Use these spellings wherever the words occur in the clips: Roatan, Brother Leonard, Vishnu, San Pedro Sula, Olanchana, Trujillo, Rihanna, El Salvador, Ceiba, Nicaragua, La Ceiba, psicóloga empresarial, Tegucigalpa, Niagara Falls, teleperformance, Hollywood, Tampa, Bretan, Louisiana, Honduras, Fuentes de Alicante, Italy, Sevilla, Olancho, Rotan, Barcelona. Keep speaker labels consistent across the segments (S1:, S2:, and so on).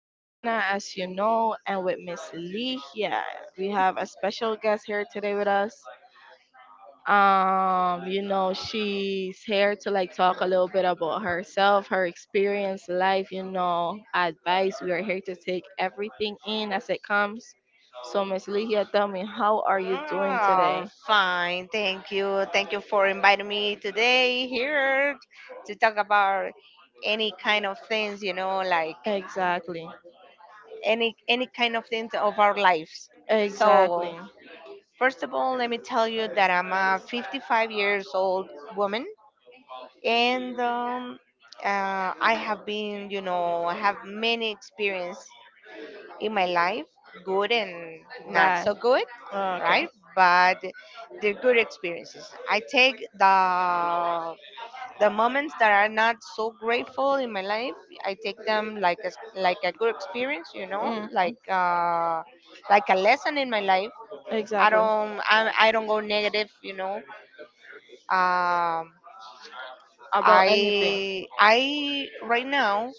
S1: Rihanna, as you know, and with Miss Lihia. We have a special guest here today with us. She's here to like talk a little bit about herself, her experience, life, you know, advice. We are here to take everything in as it comes. So, Miss Lihia, tell me, how are you doing
S2: Oh,
S1: today?
S2: fine. Thank you. Thank you for inviting me today here to talk about any kind of things, like
S1: Exactly.
S2: any kind of things of our lives. So,
S1: Exactly.
S2: first of all, let me tell you that I'm a 55 years old woman and I have been, I have many experience in my life, good and not
S1: Bad.
S2: so good,
S1: Oh, okay.
S2: right? But they're good experiences. I take the moments that are not so grateful in my life. I take them like a good experience,
S1: Mm.
S2: like a lesson in my life. I
S1: Exactly.
S2: don't I, I don't go negative, you know. Um,
S1: About anything.
S2: I right now.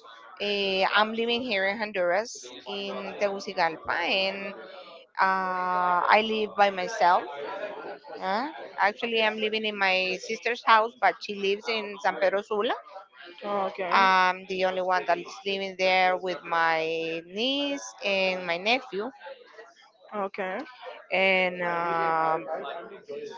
S2: I'm living here in Honduras in Tegucigalpa, and I live by myself. Uh, actually, I'm living in my sister's house, but she lives in San Pedro Sula.
S1: Oh, okay.
S2: I'm the only one that is living there with my niece and my nephew.
S1: Okay.
S2: And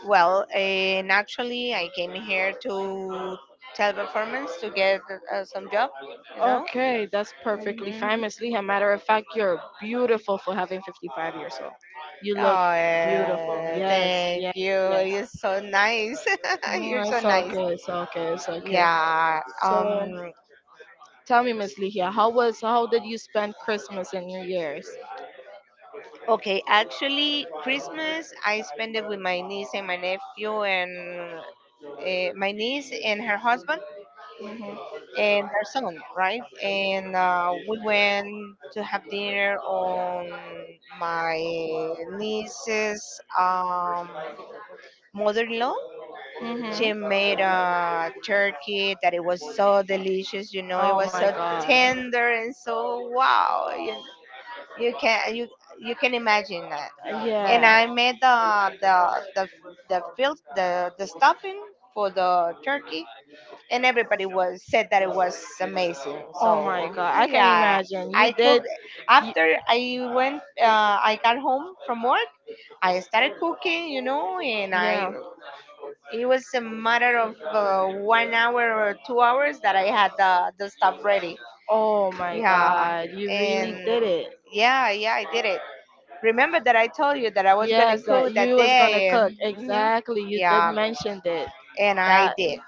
S2: well, and actually, I came here to teleperformance to get some job. You know.
S1: Okay, that's perfectly fine,
S2: Mhm.
S1: Miss Lee. A matter of fact, you're beautiful for having 55 years old. You look
S2: Oh,
S1: beautiful.
S2: eh,
S1: Yes,
S2: thank
S1: yes,
S2: you.
S1: yes.
S2: You're so nice.
S1: No,
S2: You're so
S1: it's
S2: nice.
S1: okay, it's okay, it's okay.
S2: Yeah.
S1: So,
S2: Um.
S1: tell me, Miss Lee, here, how was, how did you spend Christmas and New Year's?
S2: Okay, actually, Christmas I spend it with my niece and my nephew and my niece and her husband
S1: Mhm.
S2: and her son, right? And we went to have dinner on my niece's mother-in-law.
S1: Mhm.
S2: She made a turkey that it was so delicious. You know, it
S1: Oh
S2: was
S1: my
S2: so
S1: God.
S2: tender and so wow. You you can imagine. And
S1: Yeah.
S2: I made the the stuffing for the turkey, and everybody was said that it was amazing.
S1: Oh my
S2: So
S1: god, I can
S2: yeah,
S1: imagine.
S2: I
S1: You did.
S2: cooked
S1: You,
S2: after I went. I got home from work. I started cooking, you know, and I
S1: yeah.
S2: it was a matter of 1 hour or 2 hours that I had the stuff ready.
S1: Oh my
S2: Yeah,
S1: god, you really
S2: and
S1: did it.
S2: yeah, I did it. Remember that I told you that I was gonna
S1: Yes, that
S2: cook that
S1: you was gonna yes,
S2: day.
S1: cook. Exactly. You did
S2: Yeah,
S1: mention it.
S2: and I
S1: That.
S2: did.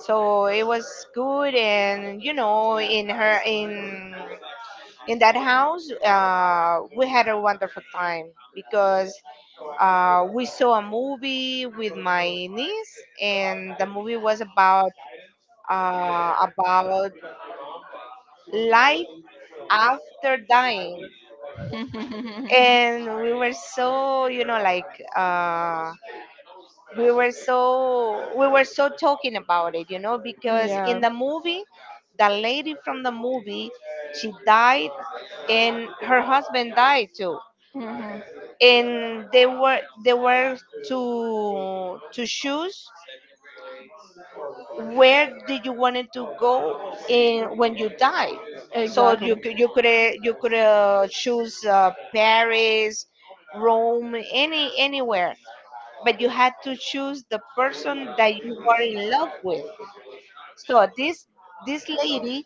S2: So it was good, and you know, in her in that house, we had a wonderful time because we saw a movie with my niece, and the movie was about uh, about life after dying, and we were so, you know, like. Uh, we were so talking about it, you know, because in
S1: Yeah.
S2: the movie the lady from the movie she died and her husband died too,
S1: Mhm.
S2: and they were to choose where did you wanted to go in when you die, so
S1: Exactly.
S2: you could choose Paris, Rome, anywhere, but you had to choose the person that you were in love with. So this lady,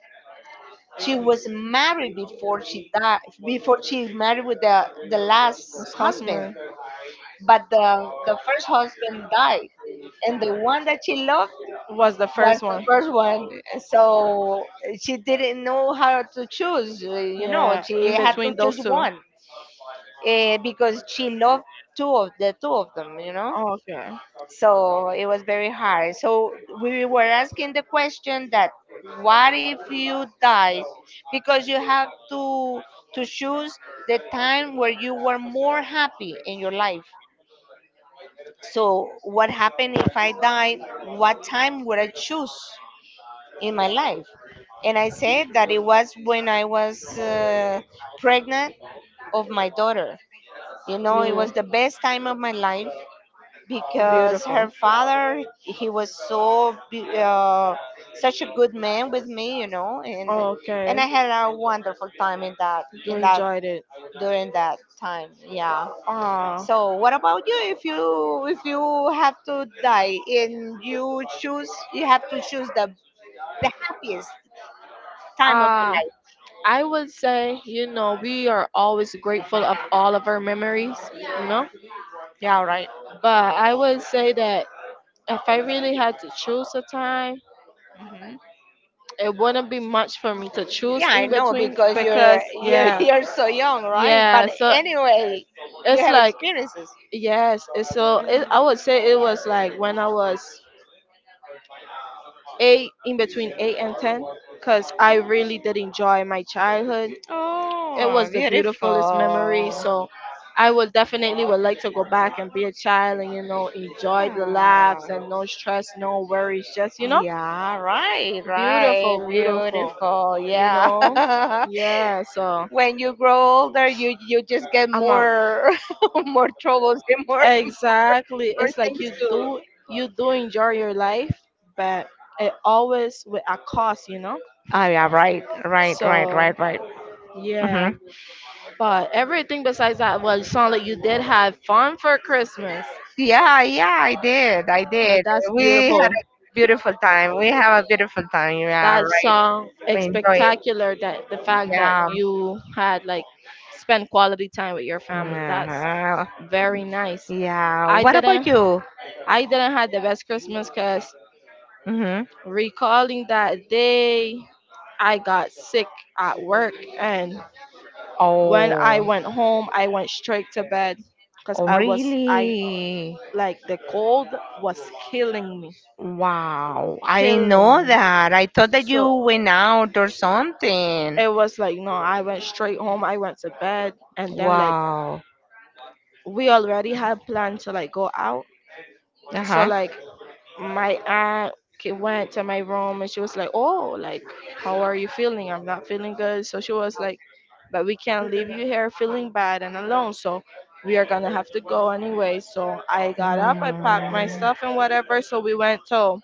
S2: she was married before she died, before she married with the last
S1: His
S2: husband,
S1: husband
S2: but the first husband died, and the one that she loved
S1: was the.
S2: was the first one. So she didn't know how to choose. You know,
S1: Yeah,
S2: she
S1: in
S2: had to
S1: between
S2: choose
S1: those two.
S2: one, because she loved two of them. You know.
S1: Oh, okay.
S2: So it was very hard. So we were asking the question that what if you die? Because you have to choose the time where you were more happy in your life. So what happened if I died? What time would I choose in my life? And I said that it was when I was pregnant of my daughter. You know, it
S1: You.
S2: was the best time of my life because
S1: Beautiful.
S2: her father he was such a good man with me, you know, and
S1: Oh,
S2: and
S1: okay.
S2: I had a wonderful time in that
S1: You enjoyed it.
S2: during that time. Yeah,
S1: Ah.
S2: so what about you? If you have to die and you choose, you have to choose the happiest time of your
S1: Uh,
S2: life.
S1: I would say, you know, we are always grateful of all of our memories, you know.
S2: Yeah, right.
S1: But I would say that if I really had to choose a time,
S2: Hmm.
S1: it wouldn't be much for me to choose
S2: Yeah, I
S1: in
S2: know,
S1: between
S2: because you're
S1: because
S2: you're
S1: yeah,
S2: you're so young, right?
S1: yeah.
S2: But
S1: So
S2: anyway, you
S1: it's
S2: have
S1: like
S2: experiences.
S1: yes. it's So it, I would say it was like when I was eight, in between eight and ten, because I really did enjoy my childhood. It
S2: Oh,
S1: was the beautifulest memory.
S2: beautiful.
S1: So I would definitely would like to go back and be a child and you know enjoy the
S2: Ah,
S1: laughs and no stress, no worries, just you know
S2: yeah, right,
S1: beautiful,
S2: right.
S1: beautiful.
S2: Beautiful.
S1: You
S2: Yeah.
S1: know, yeah. So
S2: When you grow older, you just get
S1: I'm a.
S2: more more troubles and
S1: Exactly.
S2: more
S1: It's like
S2: things to.
S1: you do enjoy your life, but it always with a cost, you know?
S2: Oh yeah, right, right, right,
S1: So
S2: right, right. Hmm.
S1: yeah. But everything besides that was sound like you did have fun for Christmas.
S2: Yeah, I did, I
S1: Now,
S2: did.
S1: that's
S2: We had
S1: beautiful.
S2: a beautiful time. We have a beautiful time. Yeah,
S1: That
S2: right.
S1: song
S2: We
S1: is
S2: enjoy it.
S1: spectacular that the fact that
S2: Yeah.
S1: you had like spent quality time with your family. That's
S2: uh
S1: very nice.
S2: Yeah.
S1: I
S2: What about
S1: didn't
S2: you?
S1: I didn't have the best Christmas cuz
S2: Mm-hmm.
S1: recalling that day I got sick at work and when I
S2: Oh,
S1: went home, I went straight to bed because
S2: oh,
S1: I
S2: really?
S1: like the cold was killing me,
S2: Wow, I didn't know
S1: killing.
S2: that. I thought that you
S1: So
S2: went out or something.
S1: it was like no, I went straight home. I went to bed and then like
S2: Wow.
S1: we already had planned to like go out.
S2: Uh
S1: So
S2: huh.
S1: like my aunt went to my room and she was like, "Oh, like, how are you feeling? I'm not feeling good." So she was like, "But we can't leave you here feeling bad and alone. So we are gonna have to go anyway." So I got up, I packed my
S2: Mm.
S1: stuff and whatever. So we went to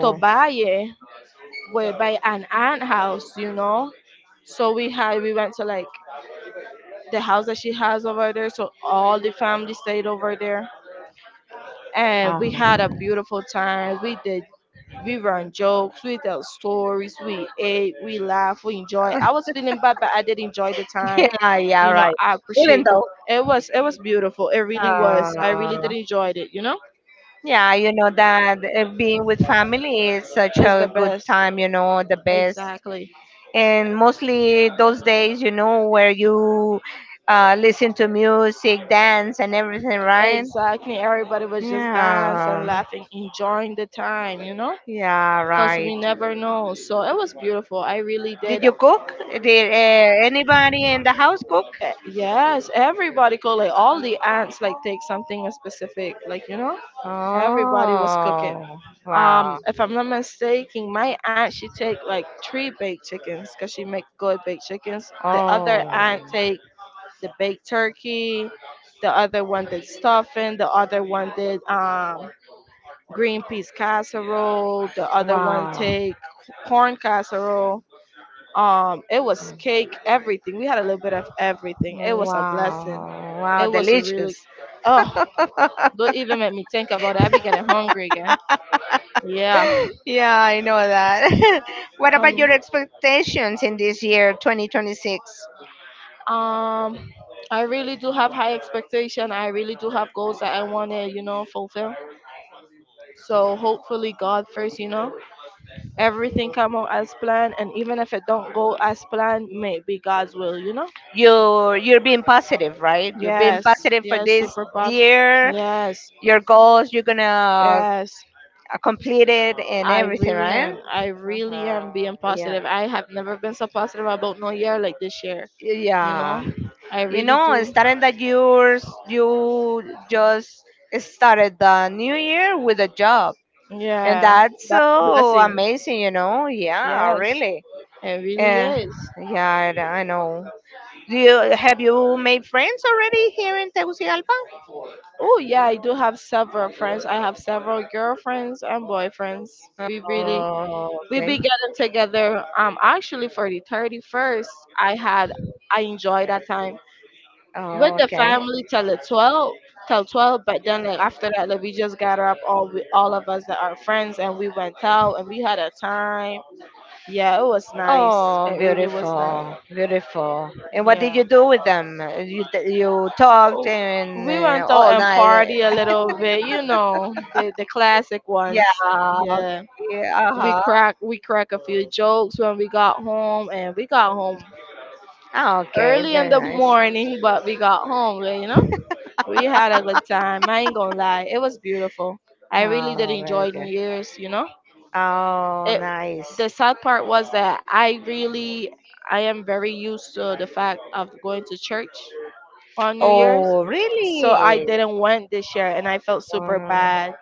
S1: to Valle, where by an aunt house, you know. So we went to like the house that she has over there. So all the family stayed over there and we had a
S2: Uh-huh.
S1: beautiful time. We did. We ran jokes, we tell stories, we ate, we laughed, we enjoyed. I was feeling bad, but I did enjoy the time.
S2: Yeah, yeah,
S1: You know,
S2: right.
S1: I
S2: Even
S1: appreciate them.
S2: though,
S1: It was beautiful. It really was. I really
S2: uh,
S1: did enjoy it. You know,
S2: yeah, you know that being with family is such
S1: it's the
S2: a good
S1: best.
S2: time, you know, the best.
S1: Exactly.
S2: And mostly those days, you know, where you listen to music, dance and everything, right?
S1: Exactly. Everybody was just dancing,
S2: Yeah,
S1: laughing, enjoying the time, you know?
S2: yeah,
S1: Because
S2: right.
S1: we never know. So it was beautiful. I really
S2: Did
S1: did.
S2: you cook? Did anybody in the house cook?
S1: Yes, everybody called, like all the aunts, like take something specific, like, you know? Everybody was cooking.
S2: Oh. Wow.
S1: If I'm not mistaken, my aunt she take like three baked chickens because she make good baked chickens. The other
S2: Oh,
S1: aunt take the baked turkey, the other one did stuffing, the other one did green peas casserole, the other one
S2: wow.
S1: take corn casserole. It was cake, everything. We had a little bit of everything. It was a blessing.
S2: Wow, wow,
S1: It was a
S2: delicious.
S1: really, oh, don't even make me think about it. I be getting hungry yeah.
S2: Yeah, I know that. What about
S1: Um
S2: your expectations in this year, 2026?
S1: um I really do have high expectation. I really do have goals that I want to, you know, fulfill. So hopefully God first, you know, everything come out as planned and even if it don't go as planned, may it be God's will, you know?
S2: You're being positive, right? You're being
S1: Yes.
S2: positive for
S1: Yes,
S2: this
S1: super positive.
S2: year.
S1: Yes.
S2: Your goals, you're gonna
S1: Yes,
S2: complete it and
S1: I
S2: everything,
S1: really
S2: right?
S1: am. I really am
S2: Uh-huh.
S1: being
S2: Yeah.
S1: positive. I have never been so positive about no year like this year, you know?
S2: Yeah.
S1: I
S2: You
S1: really
S2: know,
S1: do.
S2: starting that yours, you just started the new year with a job. And
S1: Yeah,
S2: that's
S1: that's a
S2: so
S1: blessing.
S2: amazing, you know? Yeah,
S1: Yes,
S2: really.
S1: it really
S2: Uh,
S1: is.
S2: yeah, I know. Do you have you made friends already here in Tegucigalpa?
S1: Oh, yeah, I do have several friends. I have several girlfriends and boyfriends. We really
S2: Oh,
S1: we
S2: okay.
S1: be getting together. Actually for the 31st, I had I enjoyed that time with
S2: Oh,
S1: the
S2: okay.
S1: family till the 12, till 12. But then like after that, like, we just gathered up all of us that are friends and we went out and we had a time. Yeah, it was nice.
S2: Oh,
S1: It really was nice.
S2: beautiful, beautiful. And what did you
S1: Yeah.
S2: do with them? You you talked and
S1: We went out
S2: all
S1: and
S2: night.
S1: party a
S2: uh,
S1: little bit, you know, the classic ones.
S2: Yeah.
S1: Yeah,
S2: Okay.
S1: we
S2: Uh
S1: crack we crack a few jokes when we got home, and we got home
S2: huh. Okay.
S1: early in
S2: Very
S1: the
S2: nice.
S1: morning, but we got home. You know, we had a good time. I ain't gonna lie, it was beautiful. I really did
S2: Oh, very
S1: enjoy New
S2: good.
S1: Year's. You know,
S2: Oh,
S1: it. The
S2: nice.
S1: sad part was that I really, I am very used to the fact of going to church on New Year's.
S2: Oh,
S1: So I
S2: really?
S1: didn't went this year and I felt super
S2: Uh,
S1: bad.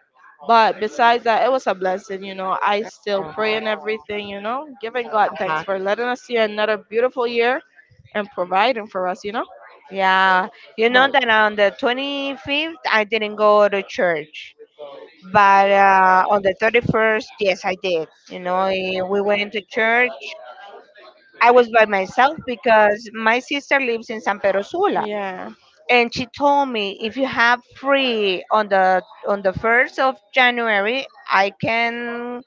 S1: But besides that, it was a blessing, you know. I still
S2: uh,
S1: pray and everything, you know, giving God thanks
S2: uh-huh.
S1: for letting us see another beautiful year and providing for us, you know.
S2: Yeah, you know
S1: But
S2: that on the 25th I didn't go to church, but on the 31st, yes, I did. You know, we went to church. I was by myself because my sister lives in San Pedro Sula,
S1: yeah,
S2: and she told me if you have free on the 1st of January, I can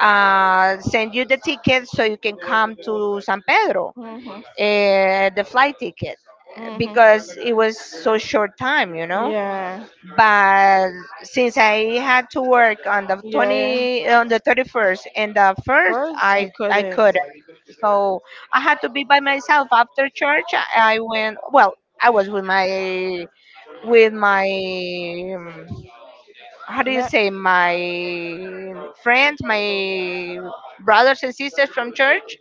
S2: send you the ticket so you can come to San Pedro.
S1: mhm,
S2: The flight ticket,
S1: mhm,
S2: because it was so short time, you know.
S1: yeah,
S2: But since I had to work on the
S1: yeah,
S2: twenty
S1: yeah.
S2: on the 31st and the first,
S1: First, you
S2: I
S1: couldn't.
S2: couldn't. So I had to be by myself after church. I went. Well, I was with my with my um, how do you
S1: Ne-
S2: say, my friends, my brothers and sisters from church,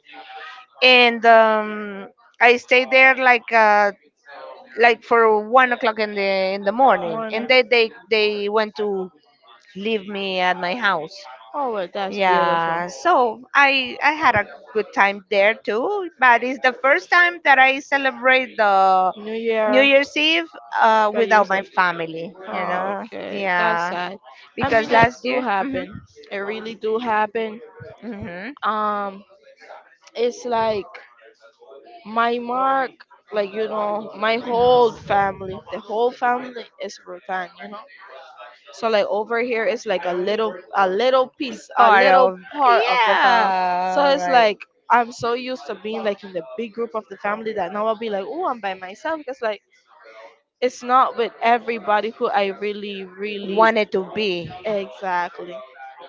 S2: and I stayed there like for 1 o'clock in the morning,
S1: one.
S2: and they went to leave me at my house.
S1: Oh, well, that's beautiful.
S2: Yeah, so I had a good time there too, but it's the first time that I celebrate the
S1: New
S2: new
S1: Year
S2: year's eve
S1: by
S2: without my
S1: yourself.
S2: family, you know.
S1: Okay, that's
S2: Yeah,
S1: sad. I mean,
S2: because
S1: it
S2: last
S1: do
S2: year. Hmm.
S1: happen. It really do happen.
S2: Hmm.
S1: Um, it's like my mark, like you know, my whole family, the whole family is Rotan, you know. So like over here is like a little piece, a
S2: Part
S1: little
S2: of.
S1: part of the family. So
S2: Yeah,
S1: it's
S2: right.
S1: like I'm so used to being like in the big group of the family that now I'll be like, oh, I'm by myself because like it's not with everybody who I really, really
S2: Wanted to be.
S1: exactly.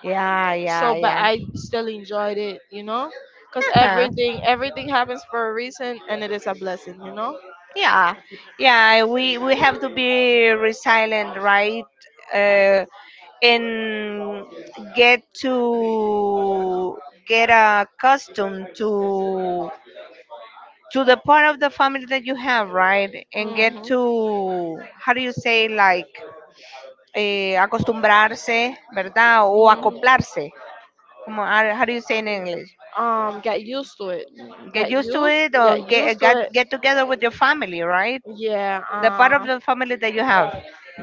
S2: Yeah, yeah,
S1: So, but
S2: yeah.
S1: I still enjoyed it, you know, because
S2: Uh-huh.
S1: everything happens for a reason and it is a blessing, you know.
S2: Yeah. Yeah, we have to be resilient, right? uh, and get to get accustomed to the part of the family that you have, right? And
S1: Hmm
S2: get
S1: hmm
S2: to, how do you say, like acostumbrarse, verdad, o acoplarse, como, how do you say in English?
S1: get used to it
S2: Get
S1: get
S2: used to
S1: used
S2: it, or
S1: get used
S2: get
S1: to it.
S2: get together with your family, right?
S1: Yeah,
S2: The part of the family that you have.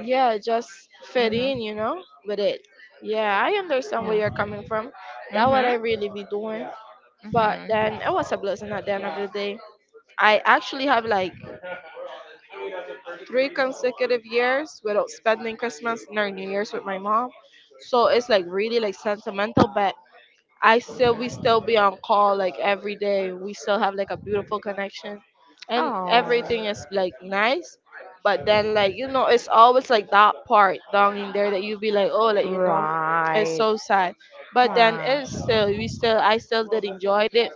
S1: yeah, just fit
S2: Hmm.
S1: in, you know, with it. Yeah, I understand where
S2: Yeah.
S1: you're coming from. That what
S2: Mhm.
S1: I really be doing. But
S2: Mhm.
S1: then it was a blessing at the end of the day. I actually have like three consecutive years without spending Christmas nor New Year's with my mom. So it's like really like sentimental, but I still we still be on call like every day. We still have like a beautiful connection and
S2: Oh.
S1: everything is like nice. But then like you know, it's always like that part down in there that you be like, oh like you know, it's
S2: Right.
S1: so sad. But then
S2: Wow.
S1: it's still we still I still did enjoyed it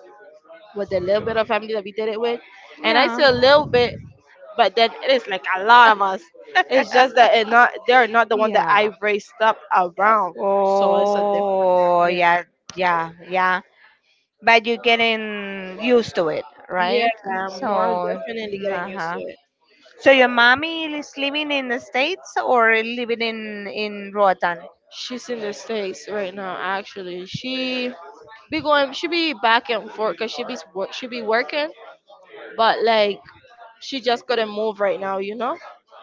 S1: with the little bit of family that we did it with. And I
S2: Yeah.
S1: say a little bit but then it is like a lot of us. It's just that it not they're not the one that I
S2: Yeah.
S1: raised up around. So it's a
S2: Oh,
S1: yeah.
S2: yeah, yeah, But you're getting used to it,
S1: Right?
S2: right?
S1: Yeah,
S2: So,
S1: more definitely getting used to
S2: uh-huh.
S1: it.
S2: So your mommy is living in the States or living in Roatan?
S1: She's in the States right now, actually. She be back and forth because she be working, but like she just couldn't move right now, you know,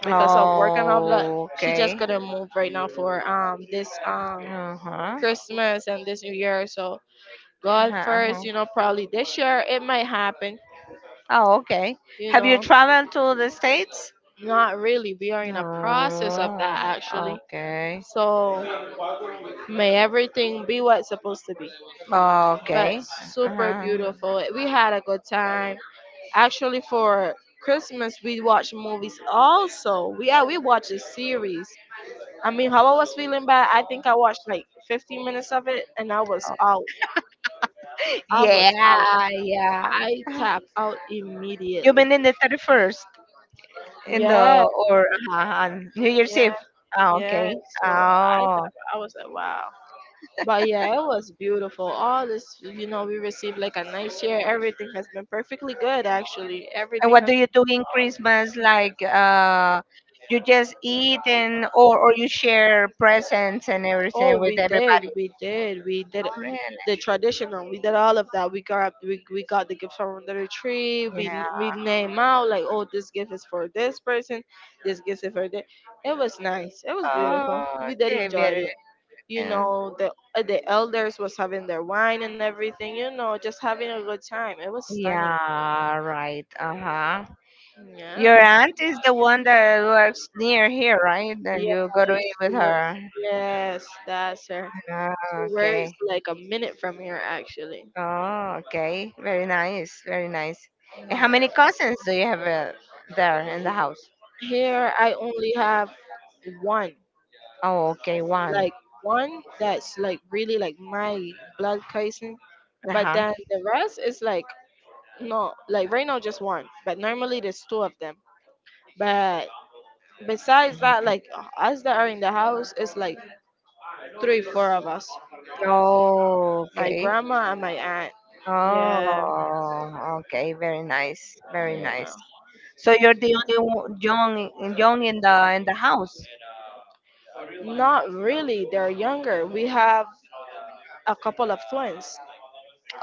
S1: because of work and all that.
S2: Oh,
S1: She just
S2: okay.
S1: couldn't move right now for this
S2: Uh-huh.
S1: Christmas and this New Year. So God
S2: Uh-huh.
S1: first, you know, probably this year it might happen.
S2: Oh, okay.
S1: You
S2: Have you
S1: know,
S2: traveled to the States?
S1: not really. We are in a process of that
S2: Oh,
S1: actually.
S2: okay.
S1: So may everything be what's supposed to be. But
S2: Okay.
S1: super
S2: Uh-huh.
S1: beautiful. We had a good time. Actually, for Christmas, we watched movies also. Yeah, we watched a series. I mean, how I was feeling bad, I think I watched like 15 minutes of it and I was out. I was out.
S2: Yeah, yeah.
S1: I tapped out
S2: You've
S1: immediately.
S2: been in the 31st in
S1: Yeah,
S2: the or on New Year's
S1: yeah,
S2: Eve. Oh,
S1: yeah.
S2: okay.
S1: So I
S2: Oh.
S1: tapped. I was like, wow. But yeah, it was beautiful. All this, you know, we received like a nice share. Everything has been perfectly good, actually.
S2: And
S1: Everything.
S2: what do you do in Christmas? Like you just eat, and or you share presents and everything
S1: Oh,
S2: with everybody.
S1: we did
S2: Oh, really?
S1: the traditional. We did all of that. We got the gift from under the tree. We
S2: Yeah.
S1: we name out like, oh, this gift is for this person, this gift is for that. It was nice. It was beautiful.
S2: Oh,
S1: We did
S2: okay.
S1: enjoy
S2: Very.
S1: it. You
S2: Yeah.
S1: know, the elders was having their wine and everything. You know, just having a good time. It was stunning.
S2: Yeah. Right. Uh huh. Your
S1: Yeah.
S2: aunt is the one that works near here, right? And you go to
S1: Yeah,
S2: eat
S1: she
S2: with
S1: works.
S2: her.
S1: Yes, that's her.
S2: Ah,
S1: She works
S2: okay.
S1: like a minute from here, actually.
S2: Oh, okay. Very nice. Very nice. And how
S1: Yeah.
S2: many cousins do you have there in the house?
S1: Here, I only have one,
S2: Oh, okay. One.
S1: like one that's like really like my blood cousin.
S2: Uh
S1: But
S2: huh.
S1: then the rest is like no, like right now just one. But normally there's two of them. But besides that, like us that are in the house, it's like three, four of us.
S2: Oh,
S1: My
S2: okay.
S1: grandma and my aunt. Yeah.
S2: Oh, okay. Very nice. Very
S1: Yeah.
S2: nice. So you're the only one, young, young in the house.
S1: Not really. They're younger. We have a couple of twins,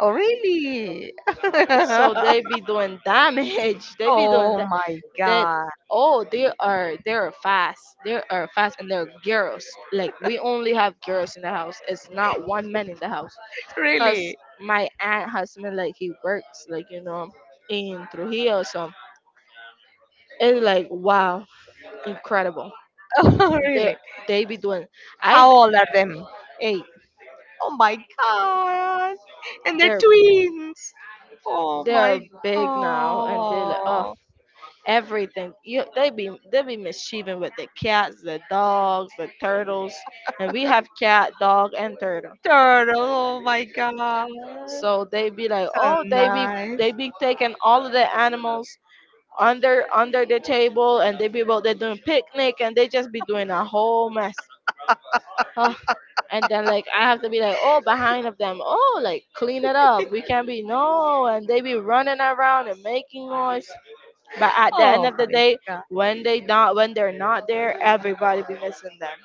S2: Oh, really?
S1: so they be doing damage. They be doing
S2: Oh
S1: that.
S2: my
S1: That
S2: God!
S1: oh, they are fast. They are fast, and they're girls. Like we only have girls in the house. It's not one man in the house. Cause
S2: Really?
S1: my aunt husband like he works like you know in Trujillo. So it's like wow, incredible.
S2: Oh,
S1: They
S2: really?
S1: they be doing. I
S2: How old are them?
S1: hey
S2: Oh my God! And they're
S1: they're
S2: twins. Oh
S1: they're
S2: my
S1: big now, and they're like oh.
S2: God!
S1: Everything. You, they be mischieving with the cats, the dogs, the turtles, and we have cat, dog, and turtle.
S2: Turtle. Oh my God!
S1: So they be like,
S2: So
S1: oh, they be
S2: nice.
S1: they be taking all of the animals under the table, and they be well, they're doing picnic, and they just be doing a whole mess. Ugh. And then like I have to be like, oh, behind of them, oh, like clean it up. We can't be no, and they be running around and making noise. But at the end
S2: Oh
S1: of
S2: my
S1: the day,
S2: God!
S1: when they not when they're not there, everybody be missing them.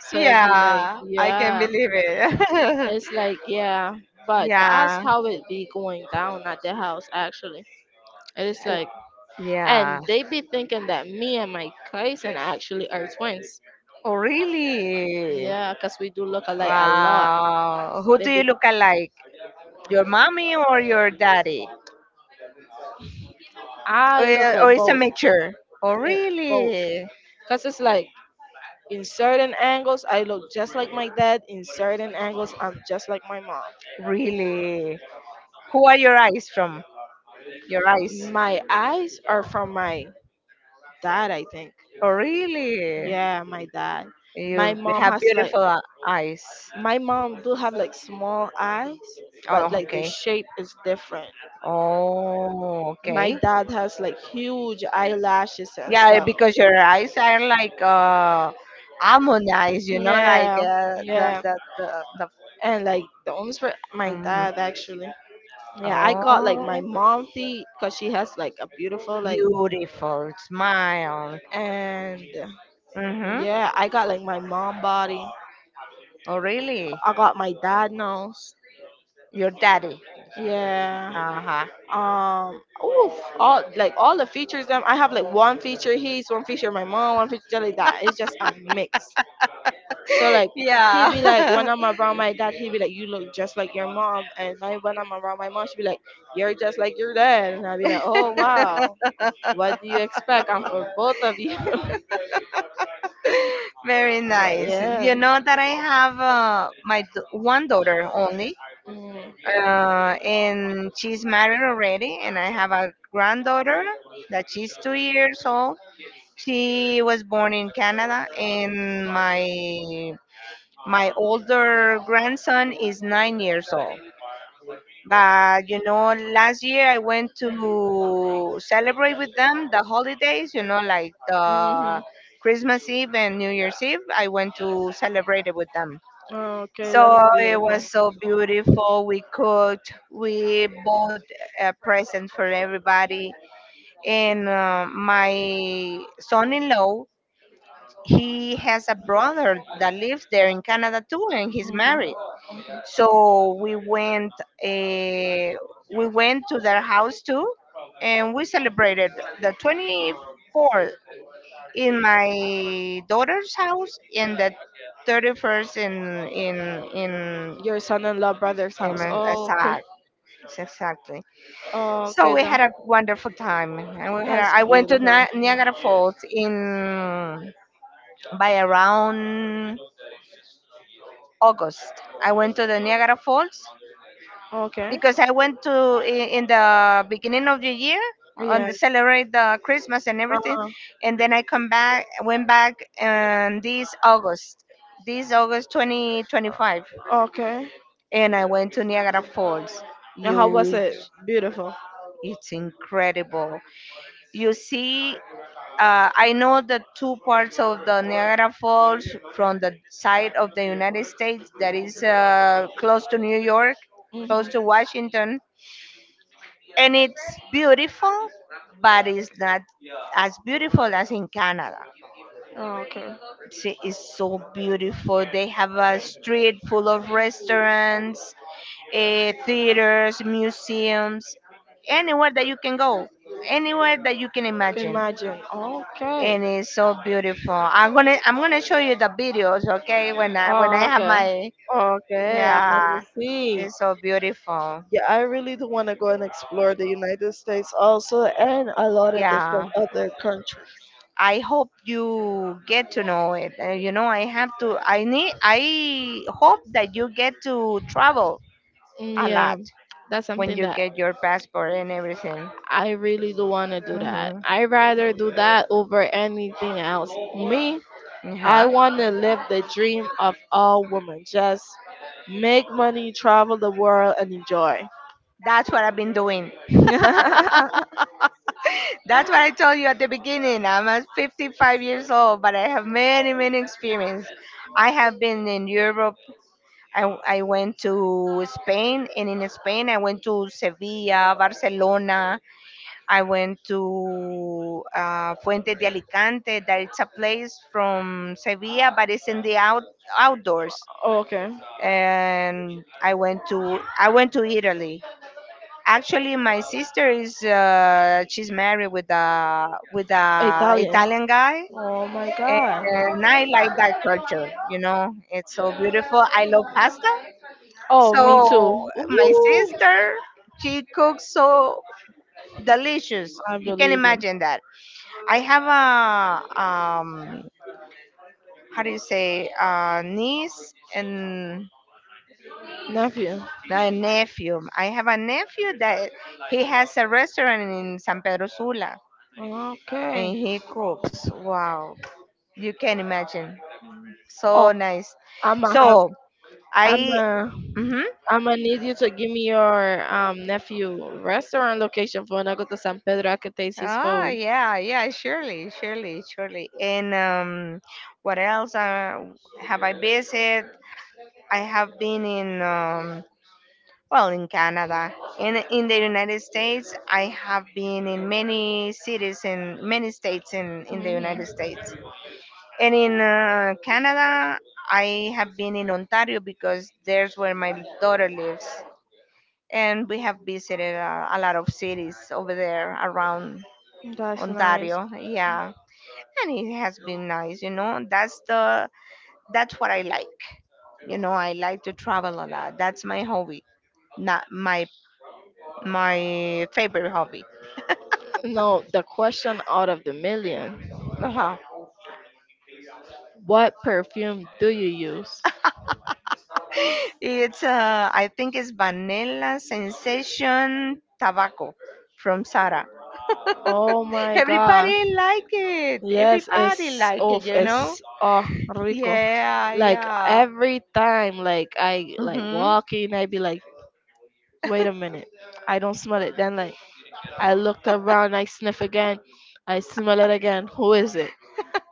S1: So if you like,
S2: Yeah, I can
S1: yeah,
S2: believe it.
S1: it's like yeah, but that's
S2: Yeah,
S1: how it be going down at the house actually. It is
S2: l-
S1: like,
S2: yeah.
S1: and they be thinking that me and my cousin actually are twins.
S2: Oh, really?
S1: Yeah, cause we do look alike a lot.
S2: Wow. Who do you look alike? Your mommy or your daddy? Or,
S1: I look like
S2: or it's a
S1: both,
S2: mixture? Oh,
S1: eh, both.
S2: really?
S1: Cause it's like in certain angles I look just like my dad. In certain angles I'm just like my mom.
S2: Really? Who are your eyes from? Your eyes?
S1: My eyes are from my dad, I think.
S2: Oh, really?
S1: Yeah, my dad. My
S2: You
S1: mom
S2: have
S1: has like
S2: beautiful eyes.
S1: my mom do have like small eyes, but
S2: Oh,
S1: like the
S2: okay.
S1: shape is different.
S2: Oh,
S1: My
S2: okay.
S1: dad has like huge eyelashes and
S2: Yeah,
S1: stuff.
S2: because your eyes are like almond eyes, you know, like
S1: Yeah, yeah.
S2: the.
S1: And like the only for my
S2: Mm-hmm.
S1: dad actually. Yeah, I got like
S2: Oh,
S1: my mom teeth because she has like a beautiful like
S2: beautiful smile.
S1: and
S2: Mm-hmm.
S1: yeah, I got like my mom body.
S2: Oh, really?
S1: I got my dad nose.
S2: Your daddy.
S1: Yeah.
S2: Uh-huh.
S1: um oof, all like all the features them, I have like one feature his, one feature my mom, one feature like that. It's just a mix, so like he'd be like
S2: Yeah.
S1: when I'm around my dad, he'd be like you look just like your mom. And like, when I'm around my mom, she'd be like you're just like your dad. And I'd be like oh wow, what do you expect? I'm for both of you.
S2: Very
S1: But
S2: nice.
S1: yeah.
S2: You know that I have one daughter only,
S1: Mm.
S2: and she's married already, and I have a granddaughter that she's 2 years old. She was born in Canada, and my older grandson is 9 years old. But you know, last year I went to celebrate with them the holidays, you know, like
S1: hmm
S2: the Christmas Eve and New Year's Eve. I went to celebrate it with them.
S1: Okay,
S2: So
S1: that is
S2: it
S1: beautiful.
S2: was so beautiful. We cooked, we bought presents for everybody. And my son in law, he has a brother that lives there in Canada too, and he's
S1: hmm
S2: married. So uh, we went to their house too, and we celebrated the 24th in my daughter's house and the 31st
S1: Your son-in-law brother's
S2: in
S1: house.
S2: my
S1: Oh, okay.
S2: exact exactly.
S1: Oh,
S2: So
S1: okay.
S2: we had a wonderful time, and we had a,
S1: That's
S2: I went to
S1: beautiful.
S2: Niagara Falls in by around August. I went to the Niagara Falls
S1: Okay.
S2: because I went to in the beginning of the year on
S1: Yeah.
S2: the celebrate the Christmas and everything,
S1: Uh-huh.
S2: and then I come back went back um, this August, this August 2025,
S1: Okay.
S2: and I went to Niagara Falls.
S1: And how was
S2: Huge,
S1: it? Beautiful.
S2: it's incredible. You see. I know the two parts of the Niagara Falls from the side of the United States that is close to New York, close
S1: Mm-hmm.
S2: to Washington, and it's beautiful, but it's not as beautiful as in Canada.
S1: Oh, okay.
S2: See, it's so beautiful. They have a street full of restaurants, eh, theaters, museums, anywhere that you can go, anywhere that you can
S1: Can
S2: imagine.
S1: imagine. Okay.
S2: And it's so beautiful. I'm gonna show you the videos, okay? When I
S1: Oh,
S2: have
S1: okay.
S2: my
S1: Okay, I want to
S2: yeah,
S1: see.
S2: it's so beautiful.
S1: Yeah, I really do want to go and explore the United States also and a lot of
S2: Yeah.
S1: different other countries.
S2: I hope you get to know it. You know, I have to. I need. I hope that you get to travel a
S1: Yeah,
S2: lot
S1: that's
S2: when
S1: something
S2: you
S1: that
S2: get your passport and everything.
S1: I really do want to do. That.
S2: Mhm.
S1: I rather do that over anything else. Me, I
S2: Yeah,
S1: want to live the dream of all women. Just make money, travel the world, and enjoy.
S2: that's what I've been doing. That's what I told you at the beginning. I'm at 55 years old, but I have many, many experience. I have been in Europe. I went to Spain, and in Spain, I went to Sevilla, Barcelona, I went to Fuentes de Alicante, that it's a place from Sevilla, but it's in the out, outdoors.
S1: Okay.
S2: And I went to Italy. Actually, my sister is she's married with a
S1: Italian.
S2: Italian guy,
S1: Oh my god.
S2: and I like that culture. You know, it's so beautiful. I love pasta.
S1: Oh, me
S2: So
S1: too.
S2: my
S1: Ooh,
S2: sister, she cooks so delicious.
S1: I
S2: You can
S1: believe him.
S2: imagine that. I have a how do you say a niece and
S1: Nephew.
S2: a nephew. I have a nephew that he has a restaurant in San Pedro Sula and
S1: Okay.
S2: he cooks. Wow. You can imagine.
S1: Oh,
S2: So nice.
S1: I'ma have.
S2: So I
S1: I'ma
S2: Mm-hmm.
S1: I'm gonna need you to give me your nephew restaurant location for when I go to San Pedro. I can taste his
S2: Oh
S1: food.
S2: yeah, yeah, surely, surely, surely. And what else have I visited? I have been in Well, in Canada, in the United States, I have been in many cities in many states in the United
S1: hmm
S2: States, and in Canada, I have been in Ontario because there's where my daughter lives, and we have visited a lot of cities over there around
S1: That's nice.
S2: Ontario. Yeah, and it has been nice. You know, that's the that's what I like. You know, I like to travel a lot. That's my hobby, not my my favorite hobby
S1: No, the question out of the million.
S2: Uh-huh.
S1: What perfume do you use?
S2: It's I think it's vanilla sensation tobacco from Sara.
S1: Oh my god.
S2: Everybody like it.
S1: Yes,
S2: Everybody
S1: it's
S2: like it.
S1: off.
S2: You know?
S1: It's oh rico.
S2: Yeah,
S1: Like
S2: yeah.
S1: every time, like I like
S2: Mhm.
S1: walking, I be like, wait a minute, I don't smell it. Then like I looked around, I sniff again, I smell it again. Who is it?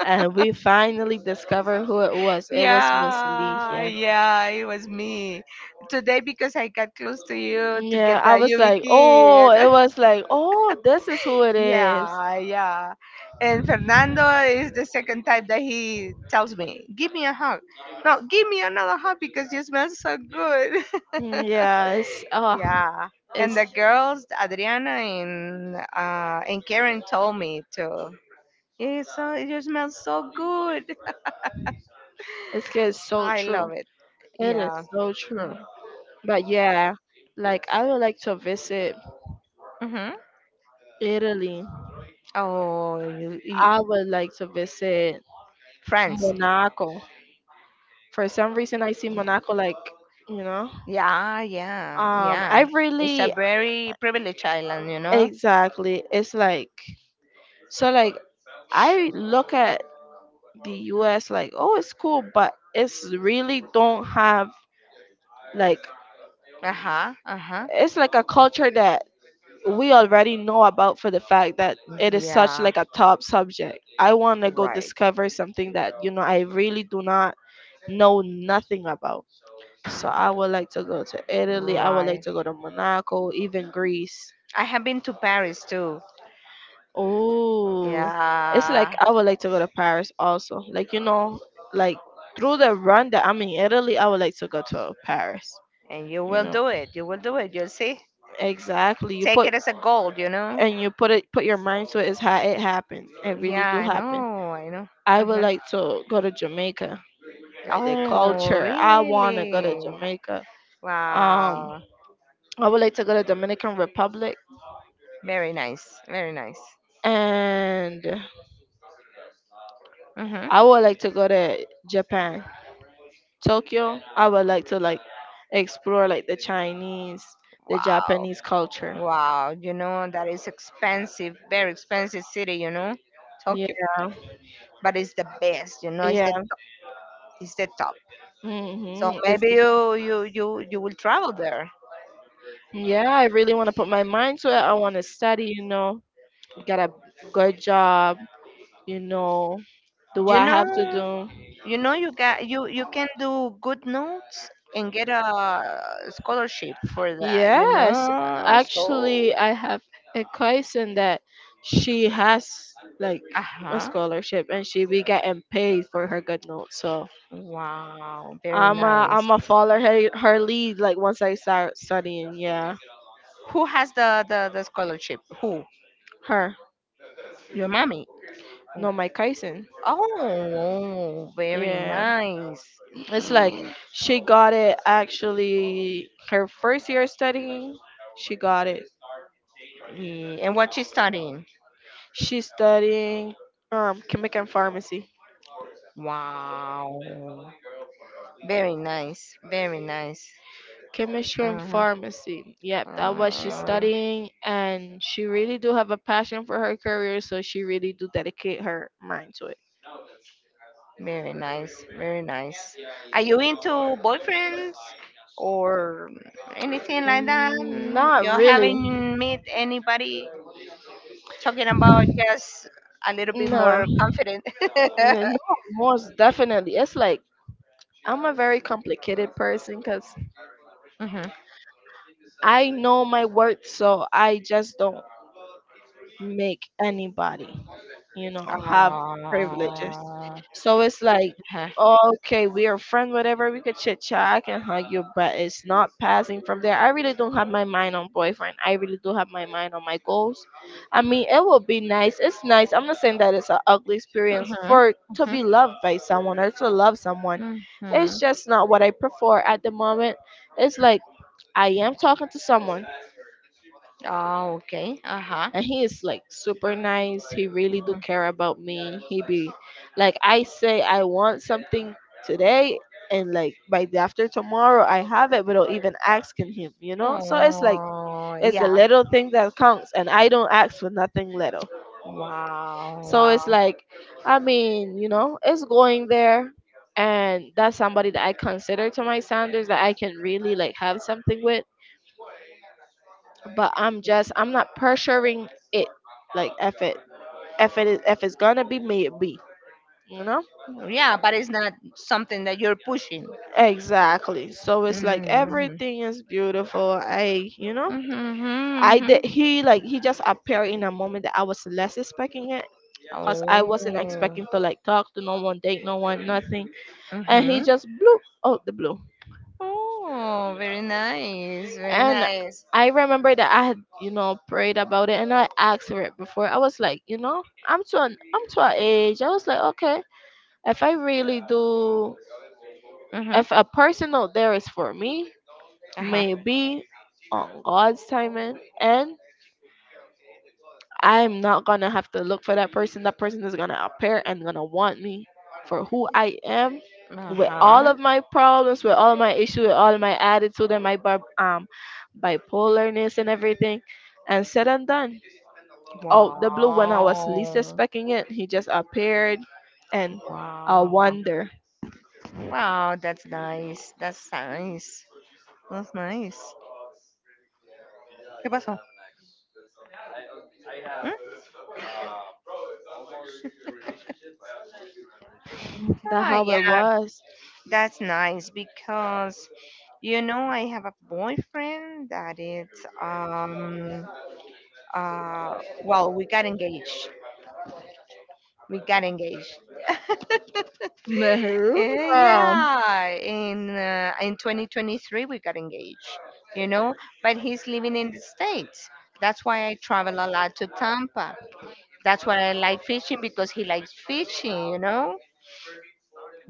S1: And we finally discovered who it was. It was Miss Lee.
S2: Yeah,
S1: Yeah.
S2: yeah. It was me today because I got close to you to
S1: Yeah.
S2: get
S1: I
S2: that
S1: was like, oh,
S2: YubiKid.
S1: it was like, oh, this is who it is.
S2: Yeah, yeah. And Fernando is the second type that he tells me, give me a hug. No, give me another hug because you smell so good.
S1: Yes. Oh,
S2: yeah. And
S1: it's
S2: the girls, Adriana and Karen told me too. It's so you smell so good.
S1: it's good. So
S2: I love
S1: true.
S2: it.
S1: It is
S2: Yeah.
S1: so true. But yeah, like I would like to visit
S2: Mm-hmm.
S1: Italy.
S2: Oh, you,
S1: I would like to visit
S2: France.
S1: Monaco. For some reason, I see Monaco like you know.
S2: Yeah, yeah, yeah.
S1: I
S2: It's a
S1: really
S2: very privileged island, you know.
S1: exactly. It's like so like I look at the US like, oh, it's cool, but it's really don't have like
S2: Uh huh. Uh huh.
S1: it's like a culture that we already know about for the fact that it is such
S2: Yeah.
S1: like a top subject. I want to go
S2: Right.
S1: discover something that you know I really do not know nothing about. So I would like to go to Italy. I would like
S2: Right.
S1: to go to Monaco, even Greece.
S2: I have been to Paris too.
S1: Oh, it's like
S2: Yeah.
S1: I would like to go to Paris also. Like you know, like through the run that I'm in Italy, I would like to go to Paris.
S2: And you
S1: You
S2: will
S1: know,
S2: do it. You will do it. You'll see.
S1: exactly. You
S2: Take
S1: put
S2: it as a goal, you know?
S1: and you put it put your mind to it, it's how it happens. It really
S2: Yeah,
S1: do
S2: I
S1: happen.
S2: know. I know.
S1: I would
S2: Uh-huh.
S1: like to go to Jamaica, like the
S2: Oh,
S1: culture. I wanna go to
S2: really?
S1: Jamaica. Um,
S2: Wow.
S1: I would like to go to Dominican Republic,
S2: Very nice. Very nice.
S1: and
S2: Mhm.
S1: I would like to go to Japan, Tokyo. I would like to like explore like the Chinese, the
S2: Wow.
S1: Japanese culture.
S2: Wow. You know, that is expensive, very expensive city, you know, Tokyo.
S1: Yeah,
S2: But it's the best, you know, it's
S1: yeah.
S2: the top. It's the top. So
S1: It's,
S2: maybe you will travel there.
S1: yeah, I really want to put my mind to it. I want to study, you know, get a good job, you know, do
S2: You
S1: I have to
S2: know,
S1: do?
S2: you know you got you can do good notes and get a scholarship for that, you
S1: Yes,
S2: know.
S1: actually
S2: So,
S1: I have a cousin that she has like a
S2: uh-huh.
S1: scholarship and she be getting paid for her good notes, so
S2: Wow, very
S1: I'm a
S2: nice.
S1: follow her lead like once I start studying. Yeah,
S2: Who has the scholarship? Who?
S1: her.
S2: Your mommy.
S1: No, my cousin.
S2: Oh, very
S1: Yeah,
S2: nice.
S1: it's like
S2: Eh,
S1: she got it actually her first year studying, she got it.
S2: And what you studying?
S1: She's studying chemical and pharmacy,
S2: Wow. Very nice. Very nice.
S1: chemistry and
S2: Uh-huh.
S1: pharmacy. Yep, that was she's
S2: Uh,
S1: studying, and she really do have a passion for her career, so she really do dedicate her mind to it.
S2: very nice. Very nice. Are you into boyfriends or anything like that?
S1: Not
S2: You
S1: really.
S2: haven't met anybody talking about just a little bit
S1: Nah,
S2: more confident.
S1: no, most definitely. It's like I'm a very complicated person because
S2: hmm
S1: I know my worth, so I just don't make anybody. You know, have privileges.
S2: Oh.
S1: So it's like,
S2: Uh-huh.
S1: okay, we are friends, whatever, we could chit chat, I can hug you, but it's not passing from there. I really don't have my mind on boyfriend. I really do have my mind on my goals. I mean, it would be nice. It's nice. I'm not saying that it's an ugly experience for to
S2: Mhm,
S1: be loved by someone or to love someone.
S2: Mhm.
S1: It's just not what I prefer at the moment. It's like I am talking to someone,
S2: Oh, okay. Uh-huh.
S1: and he is like super nice. He really do
S2: Mhm.
S1: care about me. He be like I say I want something today, and like by the after tomorrow I have it without even asking him, you know. So it's like
S2: Oh,
S1: it's
S2: yeah.
S1: the little thing that counts, and I don't ask for nothing little.
S2: Wow,
S1: So
S2: wow.
S1: it's like I mean, you know, it's going there, and that's somebody that I consider to my standards that I can really like have something with. But I'm just, I'm not pressuring it. Like F it. If it is, if it's gonna be, made be, you know,
S2: Yeah, but it's not something that you're pushing.
S1: exactly. So it's like
S2: Mm-hmm.
S1: everything is beautiful, I you know, I
S2: Mm-hmm.
S1: did. He like he just appeared in a moment that I was less expecting it, because I wasn't
S2: Oh.
S1: expecting to like talk to no one, date no one, nothing. And he
S2: Mm-hmm.
S1: just blew out the blue.
S2: Oh, very nice. Very
S1: And
S2: nice.
S1: I remember that I had, you know, prayed about it and I asked for it before. I was like, you know, I'm to an age. I was like okay, if I really do, if
S2: Mm-hmm.
S1: a person out there is for me,
S2: Uh-huh.
S1: maybe on God's timing, and I'm not gonna have to look for that person. That person is gonna appear and gonna want me for who I am, with all
S2: Uh-huh.
S1: of my problems, with all of my issues, with all of my attitude and my bipolarness and everything. And said and done. Out the blue, when I was least
S2: Wow.
S1: expecting it, he just appeared, and I
S2: Wow.
S1: wonder
S2: Wow, that's nice. That's nice. That's nice. ¿Qué pasó?
S1: that
S2: Ah,
S1: how it
S2: yeah,
S1: was.
S2: that's nice because you know I have a boyfriend that is um well we got engaged. We got engaged. Eh,
S1: Mahuga.
S2: Yeah, in 2023 we got engaged, you know, but he's living in the States. That's why I travel a lot to Tampa. That's why I like fishing because he likes fishing, you know?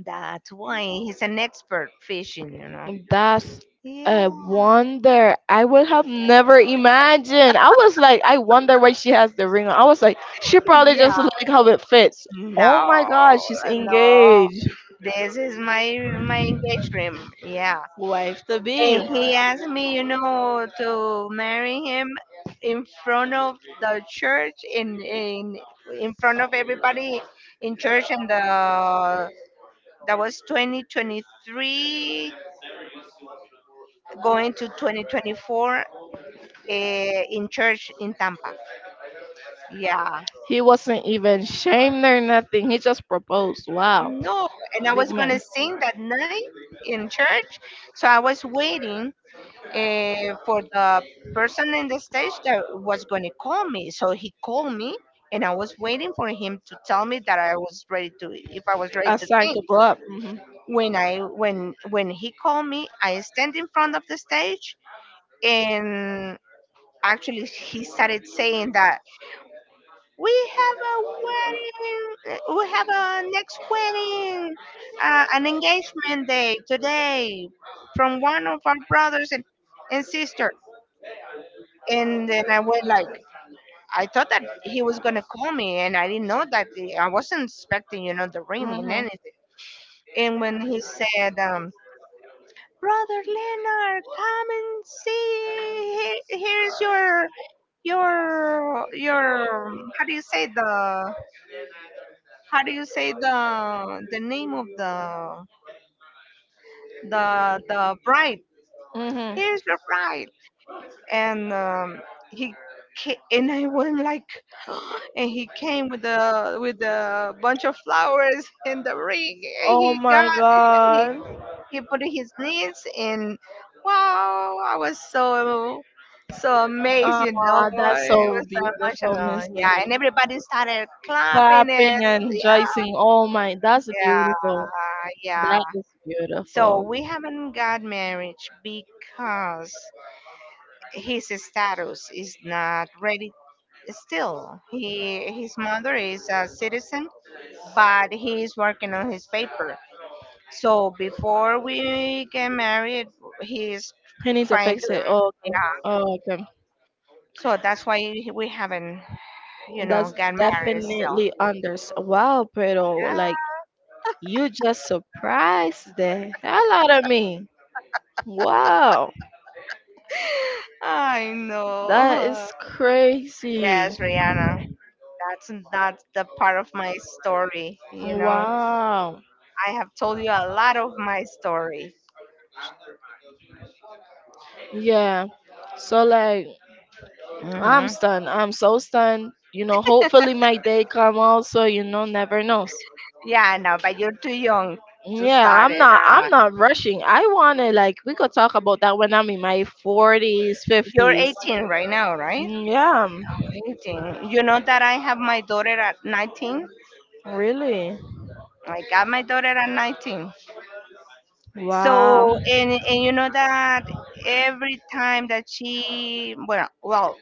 S2: That's why he's an expert fishing, you know?
S1: That's
S2: Yeah.
S1: a wonder. I would have never imagined. I was like, I wonder why she has the ring on. I was like, she probably just like
S2: Yeah.
S1: how it fits. Oh
S2: No,
S1: my god, she's
S2: no.
S1: engaged.
S2: This is my my engagement. Yeah.
S1: Wife to be.
S2: And he asked me, you know, to marry him in front of the church in in front of everybody in church and the that was 2023 going to 2024 in church in Tampa. Yeah.
S1: He wasn't even shamed or nothing. He just proposed. Wow.
S2: No, and I
S1: Big
S2: was gonna
S1: man.
S2: sing that night in church, so I was waiting for the person in the stage that was gonna call me. So he called me, and I was waiting for him to tell me that I was ready to, if I was ready
S1: I
S2: to
S1: signed
S2: sing.
S1: to blow up.
S2: When I when he called me, I stand in front of the stage, and actually he started saying that We have a wedding. We have a next wedding, an engagement day today from one of our brothers and sister. And then I was like, I thought that he was gonna call me, and I didn't know that the, I wasn't expecting, you know, the ring and
S1: Mhm.
S2: anything. And when he said, "Brother Leonard, come and see. Here, here's your how do you say the how do you say the name of the bride?
S1: Mhm.
S2: Here's your bride, and he and I went like, and he came with the with a bunch of flowers and the ring, and
S1: Oh
S2: he got
S1: my
S2: he,
S1: God.
S2: he put in his knees, and wow, I was so. So amazed, you know,
S1: Ah, that's
S2: it
S1: so
S2: was so
S1: beautiful, Miss
S2: emotional.
S1: Lee.
S2: Yeah, and everybody started clapping and yeah,
S1: Clapping and rejoicing. Oh my, that's
S2: yeah,
S1: beautiful.
S2: yeah.
S1: That is
S2: So
S1: beautiful.
S2: we haven't got marriage because his status is not ready still. He his mother is a citizen, but he is working on his paper. So before we get married, he is
S1: You need to
S2: trying to
S1: fix it. Oh,
S2: yeah.
S1: okay. Oh, okay.
S2: So that's why we haven't, you know,
S1: That's
S2: got married still.
S1: definitely under. Wow, pero like you just surprised the hell out of me. Wow,
S2: I
S1: that is
S2: know.
S1: crazy.
S2: Yes, Rihanna. That's not the part of my story, you know.
S1: Wow.
S2: I have told you a lot of my story.
S1: Yeah. So like. I'm
S2: Hmm
S1: stunned. I'm so stunned. You know, hopefully my day come also, never knows.
S2: Yeah, no, but you're too young to
S1: Yeah,
S2: start
S1: I'm
S2: it.
S1: not I'm not rushing. I wanna like we could talk about that when I'm in my forties,
S2: You're
S1: fifties.
S2: 18 right now, right?
S1: Yeah.
S2: Oh, 18. You know that I have my daughter at 19?
S1: Really?
S2: I got my daughter at 19.
S1: Wow.
S2: So, and you know that every time that she, well, well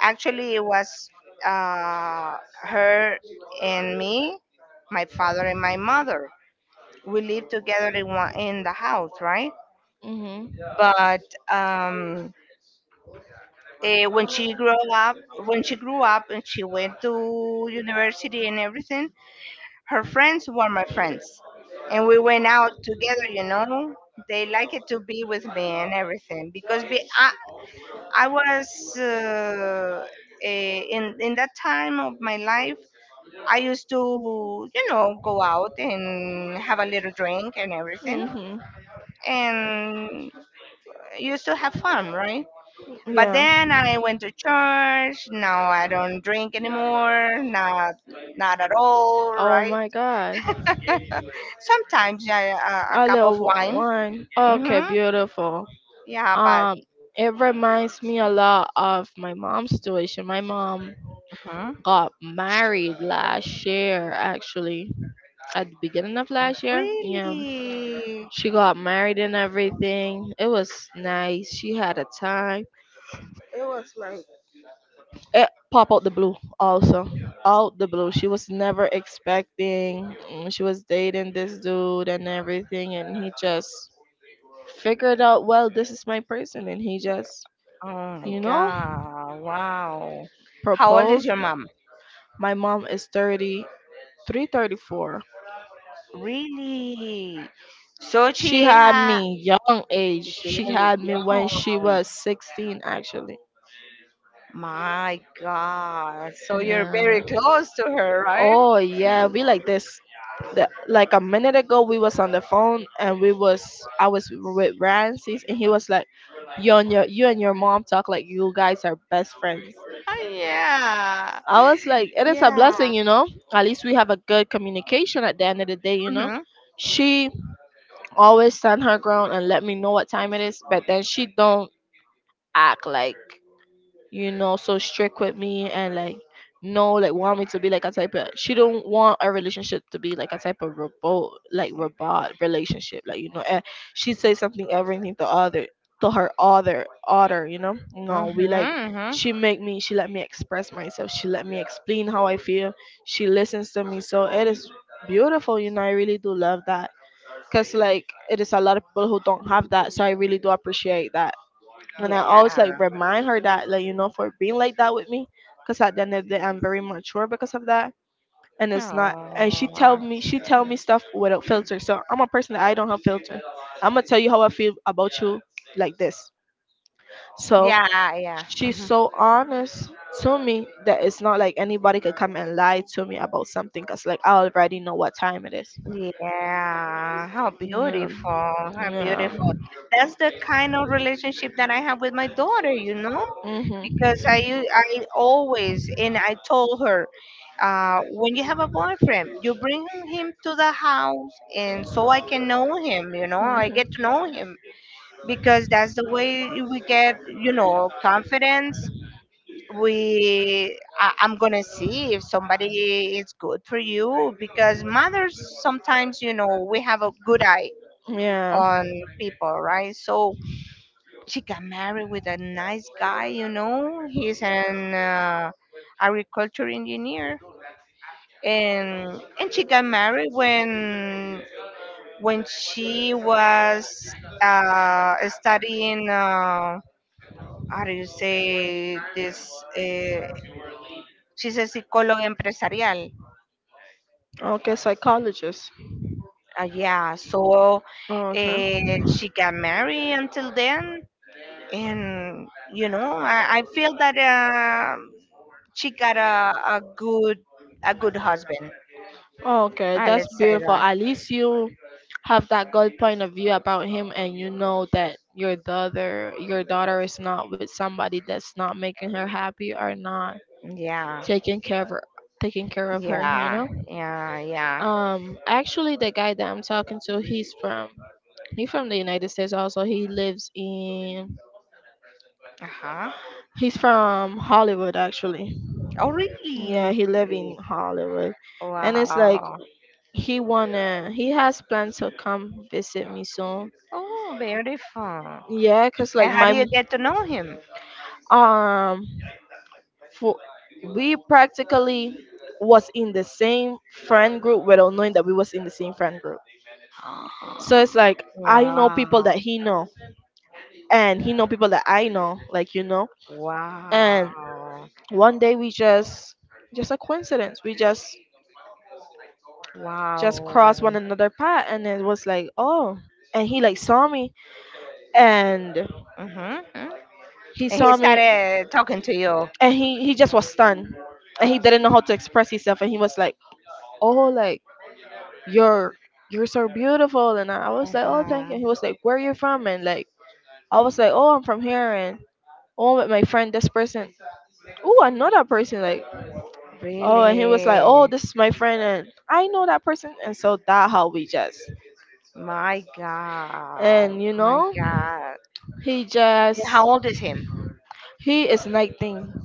S2: actually, it was uh, her and me, my father and my mother. We lived together in, one, in the house, right?
S1: Mhm.
S2: but um, when she grew up, when she grew up and she went to university and everything, her friends were my friends, and we went out together. You know, they liked it to be with me and everything because be, I was uh, in that time of my life. I used to, you know, go out and have a little drink and everything,
S1: Mhm.
S2: and used to have fun, right? But
S1: Yeah.
S2: then I went to church. Now I don't drink anymore. Not not at all,
S1: Oh
S2: right?
S1: my god.
S2: Sometimes I, a
S1: I
S2: cup
S1: love
S2: of wine.
S1: wine. Okay,
S2: Hmm
S1: beautiful.
S2: Yeah, but
S1: Um, it reminds me a lot of my mom's situation. My mom
S2: mhm.
S1: got married last year, actually, at the beginning of last year. Yeah,
S2: really,
S1: she got married and everything. It was nice. She had a time. It popped out the blue, also, out the blue. She was never expecting. She was dating this dude and everything, and he just figured out, well, this is my person, and he just
S2: oh my
S1: you know,
S2: God, wow! How old is
S1: proposed.
S2: your mom?
S1: My mom is 33, 34.
S2: Really? So
S1: She
S2: she
S1: had
S2: has
S1: me young age.
S2: very
S1: She had me when she
S2: young.
S1: was 16 actually.
S2: My God. So you're
S1: Yeah.
S2: very close to her, right?
S1: Oh yeah, we like this. Like a minute ago we was on the phone and we was I was with Ramses and he was like you and your mom talk like you guys are best friends.
S2: Oh, yeah.
S1: I was like, it is a
S2: Yeah.
S1: blessing, you know. At least we have a good communication at the end of the day, you know.
S2: Mhm.
S1: She always stand her ground and let me know what time it is, but then she don't act like, you know, so strict with me, and like no like want me to be like a type of, she don't want a relationship to be like a type of robot, like robot relationship, like you know, she say something everything to other to her other you know no we like,
S2: Mhm. Mhm.
S1: she make me, she let me express myself, she let me explain how I feel, she listens to me, so it is beautiful, you know, I really do love that, because like it is a lot of people who don't have that, so I really do appreciate that, and I always
S2: Yeah.
S1: like remind her that like, you know, for being like that with me, because at the end of the day I'm very mature because of that. And it's not, and she tell
S2: Oh.
S1: me she tell me stuff without filter, so I'm a person that I don't have filter. I'm gonna tell you how I feel about you like this. So
S2: Yeah. Yeah.
S1: she's
S2: Mhm.
S1: so honest to me that it's not like anybody could come and lie to me about something, because like I already know what time it is.
S2: Yeah, how
S1: Yeah.
S2: beautiful, how
S1: Yeah.
S2: beautiful. That's the kind of relationship that I have with my daughter, you know,
S1: Mhm.
S2: because I always and I told her, when you have a boyfriend, you bring him to the house, and so I can know him, you know, I get
S1: Mhm.
S2: to know him, because that's the way we get confidence. I'm gonna see if somebody is good for you, because mothers sometimes we have a good eye
S1: Yeah.
S2: on people, right? So she got married with a nice guy, you know. He's an agriculture engineer, and she got married when she was studying. How do you say this? Uh, she's a psicóloga empresarial.
S1: Okay, psychologist.
S2: Yeah, so
S1: Okay.
S2: she got married until then, and I feel that she got a good husband.
S1: Okay, that's
S2: Let's say
S1: beautiful.
S2: that.
S1: At least you have that good point of view about him, and you know that your daughter is not with somebody that's not making her happy or not
S2: Yeah,
S1: taking care of her, taking care of her. You
S2: yeah,
S1: know.
S2: yeah, yeah.
S1: Actually, the guy that I'm talking to, he's from the United States. Also, he lives in
S2: Uh huh.
S1: he's from Hollywood. Actually,
S2: Oh,
S1: yeah,
S2: really?
S1: he live in Hollywood, and it's like
S2: Wow.
S1: he has plans to come visit me soon.
S2: Oh, beautiful.
S1: Yeah, cause like
S2: And how
S1: my
S2: do you get to know him?
S1: um for we practically was in the same friend group without knowing that we was in the same friend group. So it's like I know people
S2: Wow.
S1: that he know, and he know people that I know. Like you know. And
S2: Wow.
S1: one day we just, just a coincidence we just just
S2: Wow.
S1: crossed one another path, and it was like, oh, and he like saw me and he
S2: And he
S1: saw me,
S2: started talking to you.
S1: and he just was stunned, and he didn't know how to express himself, and he was like, oh, like, you're you're so beautiful. And I was like, oh, thank
S2: Uh-huh.
S1: you. And he was like, where you from? And like I was like, oh, I'm from here, and oh with my friend this person, oh I know that person, like. Oh, and he was like, "Oh,
S2: Really?
S1: this is my friend, and I know that person." And so that how we just,
S2: My God.
S1: and you
S2: My
S1: know,
S2: God.
S1: he just,
S2: How old is him?
S1: he is 19.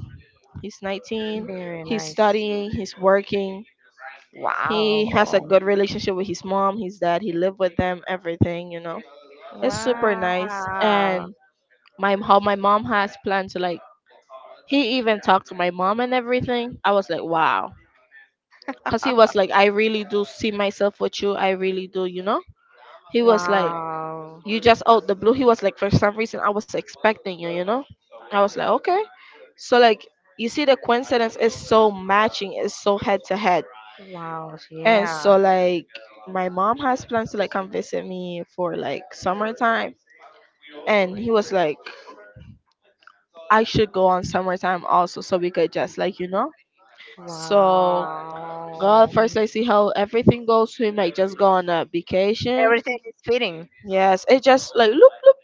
S1: He's 19.
S2: Very
S1: He's
S2: nice.
S1: studying. He's working. He
S2: Wow.
S1: has a good relationship with his mom, his dad. He lived with them. Everything, you know, it's super nice.
S2: Wow.
S1: And my how my mom has planned to like, he even talked to my mom and everything. I was like, wow, because he was like, I really do see myself with you. I really do, you know, he was like,
S2: Wow.
S1: you just out the blue, he was like, for some reason I was expecting you, you know. I was like, okay, so like, you see the coincidence is so matching, it's so head to head.
S2: Wow.
S1: And
S2: Yeah.
S1: so like, my mom has plans to like come visit me for like summertime, and he was like, I should go on summertime also, so we could just like, you know, so god
S2: Wow.
S1: first, like, see how everything goes, we might just go on a vacation.
S2: Everything is fitting.
S1: Yes, it just like loop loop,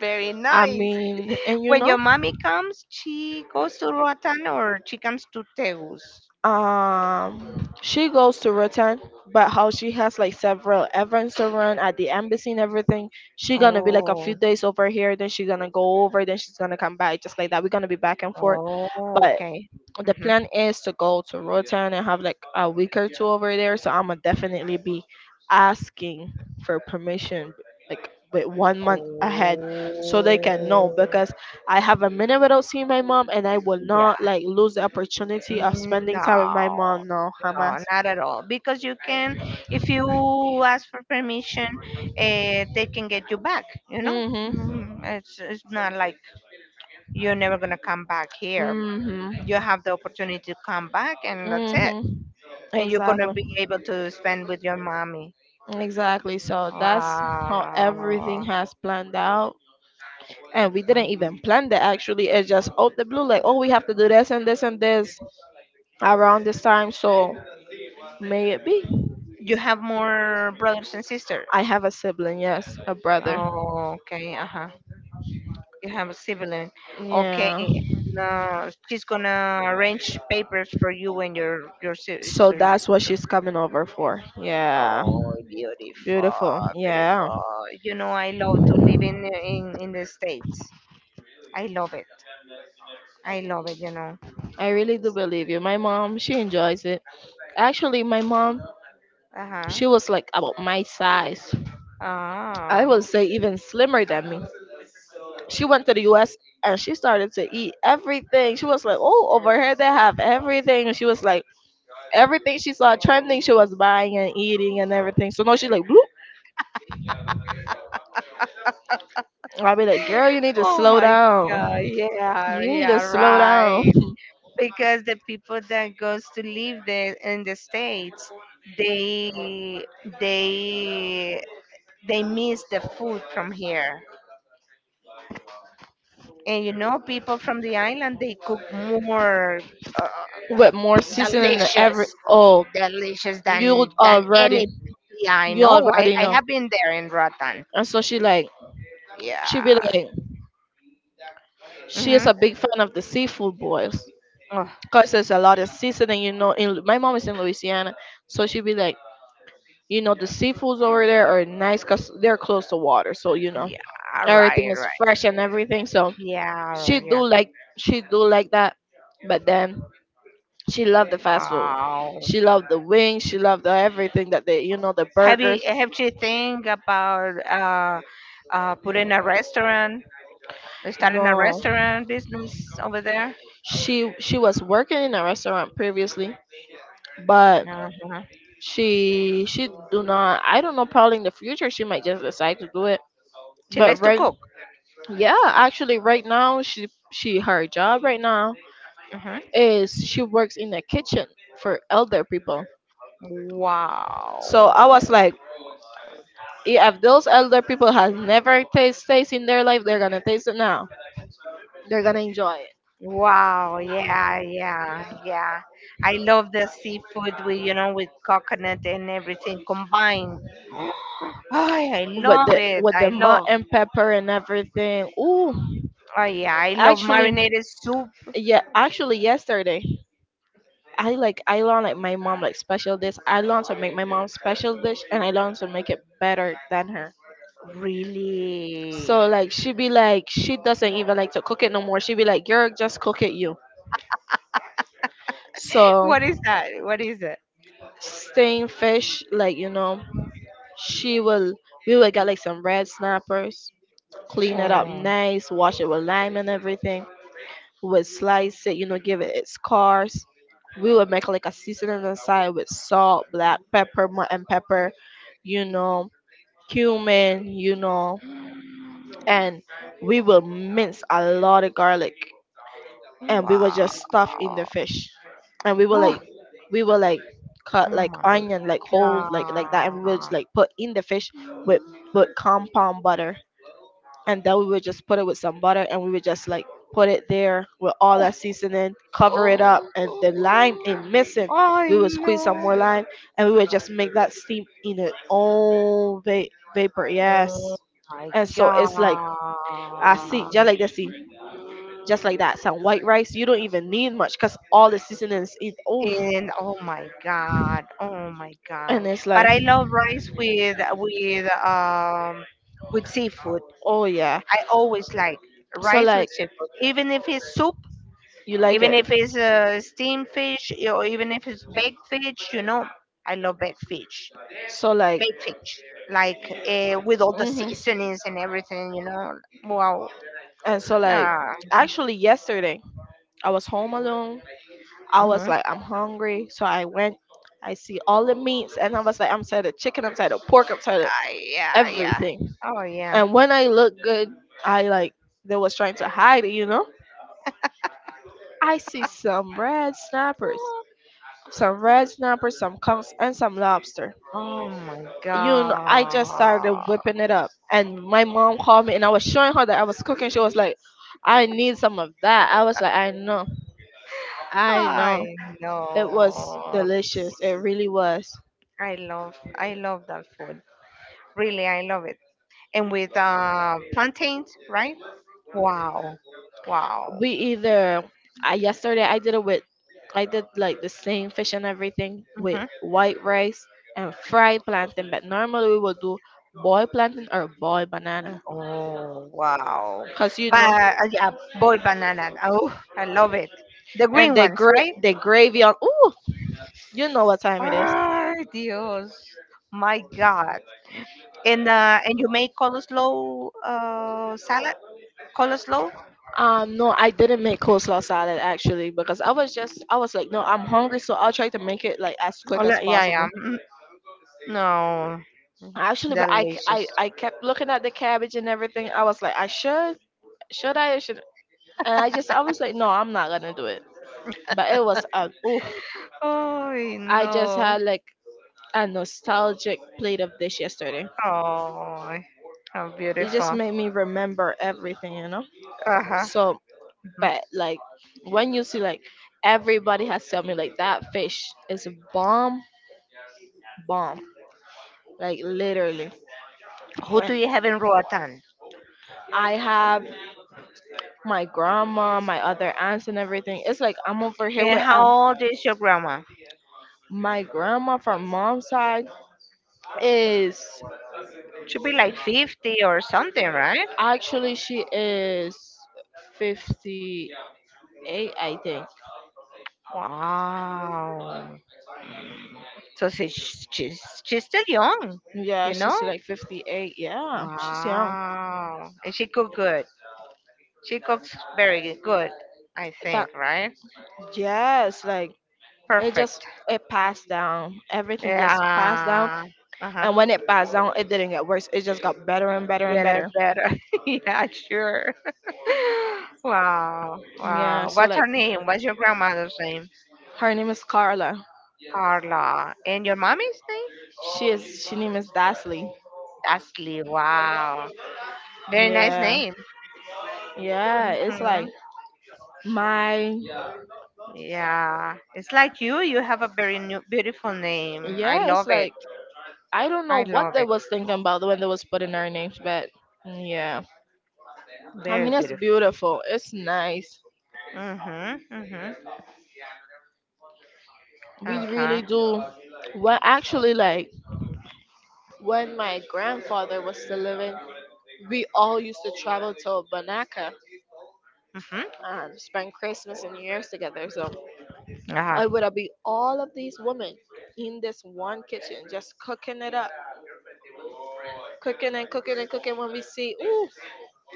S2: Very
S1: I
S2: nice.
S1: mean, and you
S2: When
S1: know,
S2: your mommy comes, she goes to Roatan or she comes to Tegus?
S1: she goes to return, but how she has like several events to run at the embassy and everything, she gonna be like a few
S2: Oh,
S1: days over here, then she gonna go over, then she's gonna come back, just like that, we're gonna be back and forth.
S2: oh,
S1: But
S2: okay.
S1: the
S2: hmm
S1: plan is to go to Rotan and have like a week or two over there. So I'm gonna definitely be asking for permission like with 1 month ahead, so they can know,
S2: Oh,
S1: because I have a minute without seeing my mom and I will not
S2: yeah.
S1: like lose the opportunity of spending time with my
S2: No,
S1: mom. No,
S2: no,
S1: Hamas.
S2: not at all. Because you can, if you ask for permission, they can get you back, you know?
S1: Mhm.
S2: Mm. It's not like you're never going to come back here. You
S1: Mhm.
S2: have the opportunity to come back, and that's it.
S1: Mhm.
S2: And you're going to be
S1: Exactly.
S2: able to spend with your mommy.
S1: Exactly. So that's how everything
S2: Wow.
S1: has planned out. And we didn't even plan that, actually, it's just out the blue, like, oh, we have to do this and this and this around this time, so may it be.
S2: You have more brothers and sisters?
S1: I have a sibling, yes, a brother.
S2: Oh, okay. Uh-huh. You have a sibling. Okay.
S1: Yeah,
S2: She's gonna arrange papers for you and your
S1: so
S2: sister.
S1: that's what she's coming over for. Yeah,
S2: Oh, beautiful,
S1: beautiful, yeah.
S2: beautiful. You know, I love to live in the States. I love it. I love it. You know.
S1: I really do believe you, my mom she enjoys it. Actually my mom,
S2: Uh-huh.
S1: she was like about my size, I
S2: Ah.
S1: would say even slimmer than me, she went to the US and she started to eat everything. She was like, oh, over here they have everything. And she was like, everything she saw trending she was buying and eating and everything. So now she's like, bloop. I'll be like, girl, you need to
S2: Oh
S1: slow
S2: my God.
S1: down.
S2: Yeah.
S1: You need to
S2: Yeah.
S1: slow down
S2: Right. Because the people that goes to live there in the States, they they they miss the food from here. And people from the island, they cook more uh,
S1: with more seasoning than
S2: delicious,
S1: every. Oh,
S2: delicious
S1: you
S2: than
S1: already,
S2: any. Yeah, I
S1: you
S2: know. i
S1: already
S2: i
S1: know.
S2: have been there in Rotan.
S1: And so she like, she be
S2: Yeah.
S1: like, she is
S2: Mm-hmm.
S1: a big fan of the seafood boils.
S2: Oh,
S1: Cause there's a lot of seasoning, you know. In my mom is in Louisiana, so she be like, you know, the seafoods over there are nice because they're close to water, so you know
S2: yeah. Right,
S1: everything is
S2: right.
S1: fresh and everything. So
S2: Yeah,
S1: she
S2: yeah.
S1: do like she do like that, but then she loved the fast food.
S2: Oh.
S1: She loved the wings. She loved the everything that they, you know, the
S2: Have you
S1: burgers.
S2: have you think about putting a restaurant, starting a
S1: No,
S2: restaurant business over there?
S1: she was working in a restaurant previously, but
S2: Uh-huh.
S1: she do not. I don't know. Probably in the future she might just decide to do it.
S2: She
S1: But
S2: likes to
S1: right,
S2: cook.
S1: yeah, actually right now she her job right now
S2: Uh huh.
S1: is she works in a kitchen for elder people. So I
S2: Wow.
S1: was like, "Yeah, if those elder people have never taste in their life, they're gonna taste it now. They're gonna enjoy it
S2: Wow. Yeah. Yeah. Yeah. I love the seafood with with coconut and everything combined. Oh, I
S1: with
S2: love
S1: the
S2: it. I
S1: malt
S2: love.
S1: and pepper and everything. Ooh,
S2: Oh yeah. I love
S1: actually,
S2: marinated soup.
S1: yeah, actually yesterday I I learned like my mom like special dish. I learned to make my mom's special dish, and I learned to make it better than her.
S2: Really.
S1: So like she be like, she doesn't even like to cook it no more. She be like, girl, just cook it you. So
S2: What is that? What is it?
S1: staying fish, like, you know, she will we will get like some red snappers, clean it up
S2: Oh.
S1: nice, wash it with lime and everything. We would slice it, you know, give it its cars. We would make like a seasoning inside with salt, black pepper, mutton pepper, you know, cumin, you know, and we will mince a lot of garlic, and we were
S2: Wow.
S1: just stuffed in the fish, and we were like
S2: Oh,
S1: we were like cut
S2: oh
S1: like
S2: my
S1: onion like whole like that, and we were just
S2: god.
S1: like put in the fish with compound butter, and then we would just put it with some butter, and we would just like put it there with all that seasoning, cover it up, and the lime ain't missing,
S2: I
S1: we would squeeze some
S2: know.
S1: more lime, and we would just make that steam in its own vapor,
S2: Oh
S1: yes.
S2: my
S1: And so it's like
S2: god.
S1: I see just like this, just like that. Some white rice, you don't even need much because all the seasonings is off.
S2: And oh my god. Oh my god.
S1: And it's
S2: But
S1: like,
S2: I love rice with seafood.
S1: oh yeah.
S2: I always like
S1: So
S2: rice with
S1: like,
S2: seafood. Even if it's soup,
S1: you like
S2: even
S1: it.
S2: if it's steamed fish, or even if it's baked fish, I love baked fish.
S1: So like,
S2: Baked fish, like with all the
S1: hmm,
S2: seasonings and everything. Wow.
S1: and so like,
S2: Nah.
S1: actually yesterday I was home alone. I was
S2: Mm-hmm.
S1: like, I'm hungry, so I went. I see all the meats, and I was like, I'm tired of chicken, I'm tired of pork, I'm tired of
S2: Ah, yeah, yeah.
S1: everything.
S2: Oh yeah.
S1: And when I look good, I like they was trying to hide it, you know. I see some red snappers, some conchs, and some lobster.
S2: Oh my
S1: You know, I just started
S2: god.
S1: whipping it up, and my mom called me, and I was showing her that I was cooking. She was like, "I need some of that." I was like, "I know, I know."
S2: I
S1: It was
S2: know.
S1: delicious. It really was.
S2: I love that food. Really, I love it. And with plantains, right? Wow. Wow.
S1: We either yesterday I did it with, I did like the same fish and everything with
S2: hmm
S1: white rice and fried plantain, but normally we would do boiled plantain or boiled banana,
S2: Oh, wow.
S1: cause you
S2: But
S1: know.
S2: yeah, boiled banana. Oh, I love it. The
S1: And
S2: green ones, right?
S1: the gravy on. Ooh, you know what time it is.
S2: Ay, Dios. My God. And you make coleslaw salad? Coleslaw?
S1: No, I didn't make coleslaw salad actually because I was like, no, I'm hungry, so I'll try to make it like as
S2: Oh,
S1: quick as
S2: yeah, yeah.
S1: possible.
S2: Mm, no.
S1: Actually, but I I
S2: Delicious.
S1: I kept looking at the cabbage and everything. I was like, should I, and I was like, no, I'm not gonna do it. But it was ooh,
S2: Oh,
S1: I just
S2: no.
S1: had like a nostalgic plate of dish yesterday.
S2: Oh, how
S1: It just
S2: beautiful.
S1: made me remember everything, you know.
S2: Uh-huh.
S1: So,
S2: Mhm.
S1: but like when you see like everybody has told me like that fish is a bomb, bomb, like literally.
S2: Who do
S1: And
S2: you have in Roatan?
S1: I have my grandma, my other aunts, and everything. It's like I'm over here
S2: And
S1: with
S2: how old is your grandma?
S1: my grandma from mom's side is
S2: Should be like 50 or something, right?
S1: actually she is 58 I think.
S2: Wow. So she's still young,
S1: Yeah,
S2: you know?
S1: she's like 58, yeah, she's young.
S2: Wow. And she cook good. She cooks very good, I
S1: That,
S2: think, right?
S1: yes, like it
S2: Perfect.
S1: just it passed down. Everything just passed down.
S2: Yeah. Uh-huh.
S1: And when it passed down, it didn't get worse. It just got better and better and
S2: Better,
S1: better.
S2: better. Yeah, sure. Wow.
S1: Yeah.
S2: Wow.
S1: So
S2: What's
S1: like,
S2: her name? What's your grandmother's name?
S1: her name is Carla.
S2: Carla. And your mommy's name?
S1: She name is Dasley.
S2: Ashley. Wow. Very nice
S1: Yeah.
S2: name.
S1: Yeah. It's
S2: Hmm
S1: like my.
S2: Yeah. It's like you. You have a very new, beautiful name. I
S1: Yeah.
S2: love
S1: It's
S2: it.
S1: like I don't know
S2: I
S1: what
S2: love
S1: they
S2: it.
S1: was thinking about when they was putting our names, but yeah. I
S2: Very
S1: mean, it's
S2: beautiful.
S1: beautiful. It's nice.
S2: Mhm. Mhm.
S1: We
S2: Uh
S1: really
S2: huh.
S1: do. Well, actually, like when my grandfather was still living, we all used to travel to Banaka
S2: Mhm.
S1: and spend Christmas and New Year's together. So
S2: Huh.
S1: it would be all of these women in this one kitchen just cooking it up, cooking and cooking and cooking. When we see, ooh,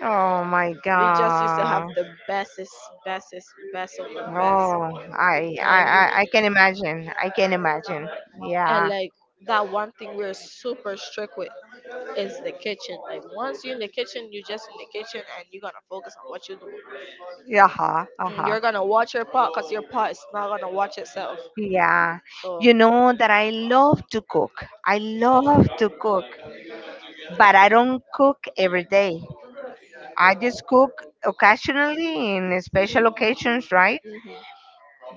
S2: Oh my
S1: we just used to have
S2: God.
S1: the bestest, best of the best.
S2: Oh, I, I,
S1: And you,
S2: I, I can imagine. I can imagine.
S1: and
S2: Yeah.
S1: like that one thing we're super strict with is the kitchen. Like once you're in the kitchen, you're just in the kitchen and you're gonna focus on what you're doing.
S2: Uh huh. Uh huh.
S1: You're gonna watch your pot because your pot is not gonna watch itself.
S2: Yeah.
S1: So
S2: You know that I love to cook. I love to cook, but I don't cook every day. I just cook occasionally in special occasions, right?
S1: mhm.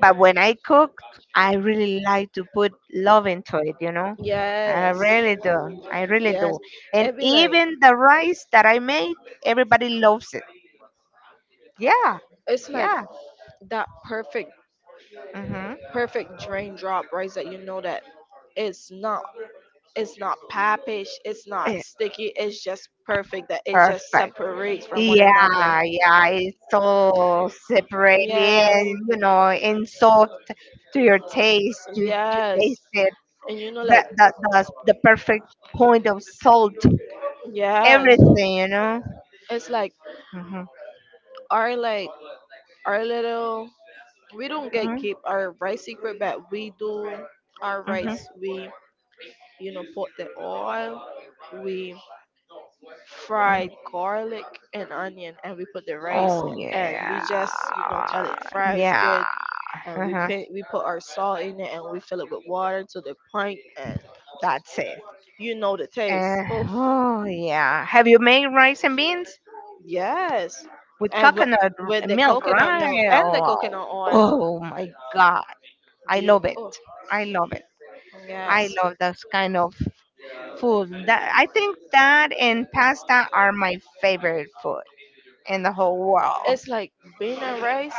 S2: But when I cook, I really like to put love into it, you know? I
S1: Yes,
S2: really do. I really
S1: yes,
S2: do. And
S1: it be like
S2: even the rice that I make, everybody loves it. Yeah.
S1: it's like
S2: Yeah.
S1: that perfect,
S2: hmm
S1: drain drop, right? That you know that it's not, it's not pappish, it's not sticky, it's just perfect. That it just
S2: Perfect.
S1: separates from one another.
S2: Yeah, yeah, it's so separately
S1: Yes,
S2: and and soft to your taste, you
S1: yes,
S2: taste it.
S1: and you know
S2: That
S1: like
S2: that that's the perfect point of salt,
S1: yes,
S2: everything.
S1: it's like
S2: Mhm,
S1: our like our little we don't get
S2: mhm,
S1: keep our rice secret but we do our
S2: mhm.
S1: rice we you know put the oil we fried garlic and onion and we put the rice
S2: Oh
S1: and we
S2: yeah,
S1: just you know tell it fries
S2: yeah.
S1: good and
S2: Uh-huh.
S1: we put our salt in it and we fill it with water to the pint and
S2: That's it.
S1: you know the taste
S2: Uh,
S1: oh
S2: oh yeah. Have you made rice and beans
S1: yes
S2: with
S1: and
S2: coconut
S1: with the
S2: milk,
S1: coconut milk
S2: right?
S1: and the
S2: Oh,
S1: coconut oil
S2: oh my God, I
S1: you
S2: love it.
S1: oh
S2: I love it. I
S1: yes.
S2: love those kind of food. That I think that and pasta are my favorite food in the whole world.
S1: It's like bean and rice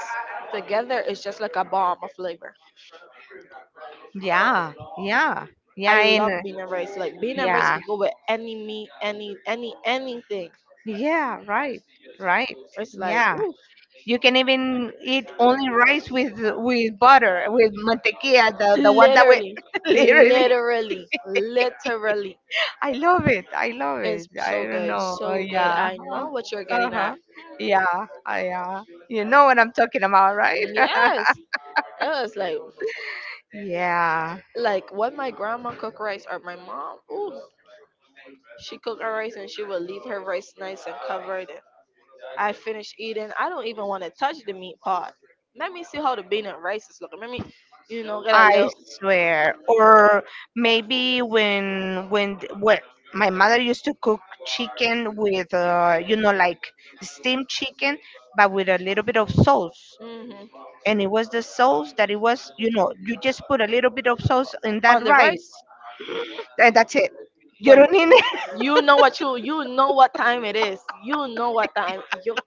S1: together is just like a bomb of flavor.
S2: Yeah, yeah, yeah.
S1: I
S2: And
S1: love bean and rice. Like bean and rice
S2: yeah,
S1: could go with any meat, any anything.
S2: yeah. Right, right.
S1: It's like
S2: Yeah.
S1: oof.
S2: You can even eat only rice with butter, with mantequilla, the one that we
S1: Literally,
S2: literally.
S1: literally, literally.
S2: I love it. I love it.
S1: It's
S2: I
S1: so
S2: don't
S1: good,
S2: know.
S1: so good.
S2: Yeah.
S1: I know what you're
S2: Uh
S1: getting
S2: huh.
S1: at.
S2: Yeah. Yeah. You know what I'm talking about, right?
S1: Yes, it was
S2: Yeah,
S1: like when my grandma cooked rice or my mom. Ooh, she cooked her rice and she would leave her rice nice and covered. I finished eating. I don't even want to touch the meat part. Let me see how the bean and rice is looking. Let me, you know, get a
S2: I
S1: little
S2: swear. Or maybe when my mother used to cook chicken with like steamed chicken, but with a little bit of sauce.
S1: hmm
S2: And it was the sauce that it was, you just put a little bit of sauce in that
S1: on the
S2: rice,
S1: rice.
S2: and that's it. You
S1: But
S2: don't need
S1: you know what time it is. You know what time you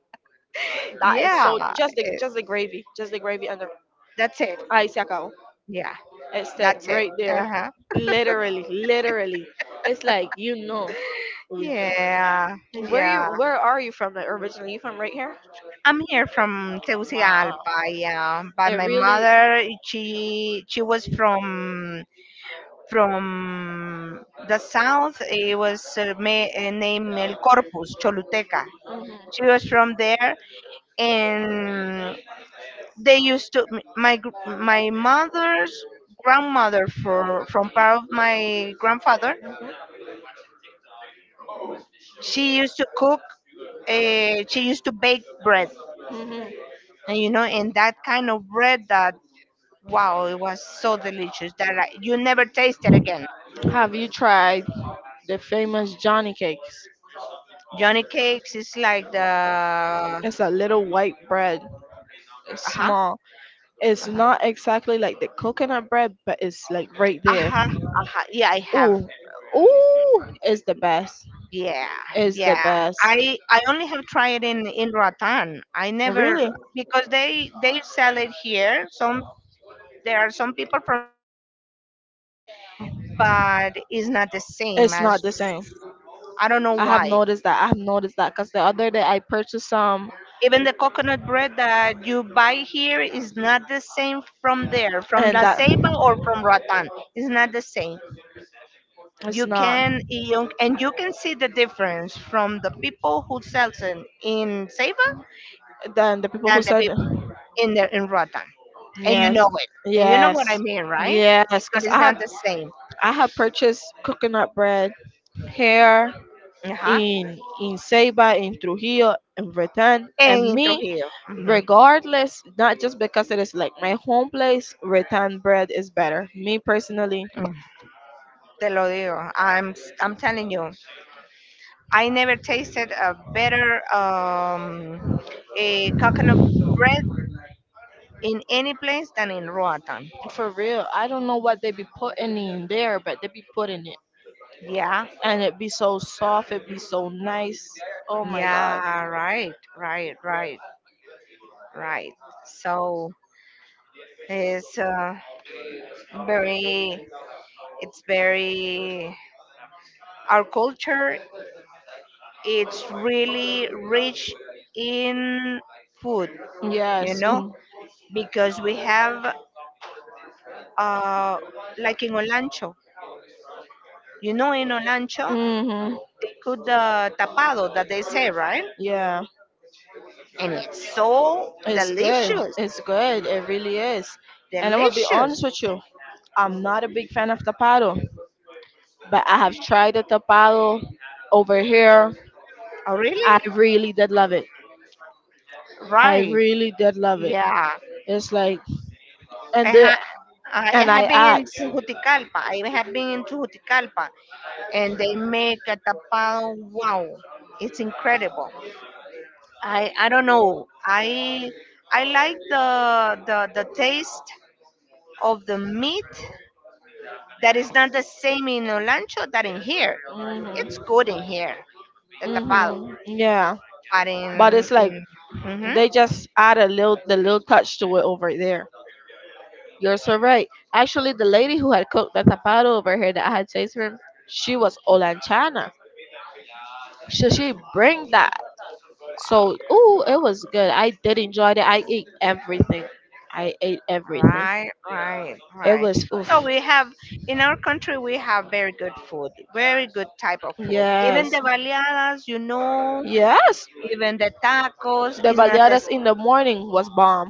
S1: that is
S2: yeah.
S1: so
S2: eh,
S1: just the gravy and the
S2: that's it.
S1: ice yakao.
S2: Yeah,
S1: It's that
S2: that's it.
S1: right there,
S2: Uh-huh.
S1: literally, literally. It's like you know where
S2: Yeah,
S1: you
S2: yeah.
S1: where are you from? Like originally, you from right here?
S2: I'm here from
S1: Wow.
S2: Tegucigalpa. Yeah, by
S1: It
S2: my
S1: really.
S2: mother, she was from the south. It was named El Corpus, Choluteca. She was from there, and they used to my mother's grandmother, for from part of my grandfather, she used to cook, she used to bake bread,
S1: Mhm. Mhm.
S2: and and that kind of bread that wow, it was so delicious that you never taste it again.
S1: Have you tried the famous Johnny cakes?
S2: Johnny cakes is like the.
S1: It's a little white bread. It's
S2: Uh-huh,
S1: small. It's
S2: uh-huh,
S1: not exactly like the coconut bread, but it's like right there.
S2: uh-huh, uh-huh. Yeah, I have.
S1: Ooh, ooh, it's the best.
S2: Yeah,
S1: Is the
S2: yeah.
S1: best.
S2: I only have tried in Rotan. I never,
S1: Really?
S2: because they sell it here. Some There are some people from Rotan that sell,
S1: Yeah,
S2: but it's not the same
S1: it's not
S2: as.
S1: the same.
S2: I don't know
S1: I have
S2: why.
S1: noticed that. I have noticed that because the other day I purchased some
S2: Even the coconut bread that you buy here is not the same from there, from
S1: and
S2: La
S1: that
S2: Ceiba or from Rotan. It's not the same.
S1: it's not.
S2: And you can see the difference from the people who sells it in Ceiba
S1: Then the people
S2: than
S1: who
S2: the
S1: said
S2: people in Rotan, and you
S1: yes,
S2: know it, and you know what I
S1: yes,
S2: mean, right?
S1: yes, because
S2: Because it's not the same.
S1: I have purchased coconut bread here
S2: Ajá.
S1: in Ceiba, in Trujillo, in Bretan, and
S2: En
S1: me,
S2: Trujillo. Ujú.
S1: regardless, not just because it is like my home place, Bretan bread is better. Me personally,
S2: Mm, Te lo digo. I'm telling you. I never tasted a better a coconut bread in any place than in Roatan.
S1: for real, I don't know what they be putting in there, but they be putting it,
S2: Yeah.
S1: and it be so soft, it be so nice. Oh my god,
S2: Yeah. Right. Right. Right. Right. So it's very. It's very. Our culture, it's really rich in food, you
S1: yes,
S2: know, because we have, uh, like in Olancho, you know, in Olancho,
S1: mm-hmm,
S2: cook the tapado that they say, right?
S1: yeah.
S2: And it's so
S1: It's good.
S2: delicious,
S1: It's good. It really is. And I'm gonna be honest
S2: delicious.
S1: with you. I'm not a big fan of tapado, but I have tried the tapado over here.
S2: Oh,
S1: I
S2: really?
S1: really did love it. I
S2: Right.
S1: really did love it.
S2: Yeah.
S1: It's like, and
S2: I
S1: the,
S2: ha- I
S1: and I
S2: have been in
S1: asked.
S2: Tegucigalpa. I have been in Tegucigalpa, and they make a tapado. Wow, it's incredible. I don't know. I like the taste of the meat that is not the same in Olancho that in here. It's
S1: Mhm.
S2: good in here, the tapado,
S1: Mhm. Yeah.
S2: but
S1: But
S2: in
S1: it's like
S2: in mhm.
S1: they just add a little the little touch to it over there. You're so right. Actually, the lady who had cooked the tapado over here that I had tasted from, she was Olanchana. So she bring that. So ooh, it was good. I did enjoy it. I ate everything. I ate everything.
S2: Right, right,
S1: It
S2: right.
S1: was
S2: So
S1: oof.
S2: we have in our country we have very good food, very good type of food. Even the
S1: Yes.
S2: baleadas,
S1: Yes.
S2: even the tacos
S1: The
S2: is not the.
S1: baleadas in the morning was bomb.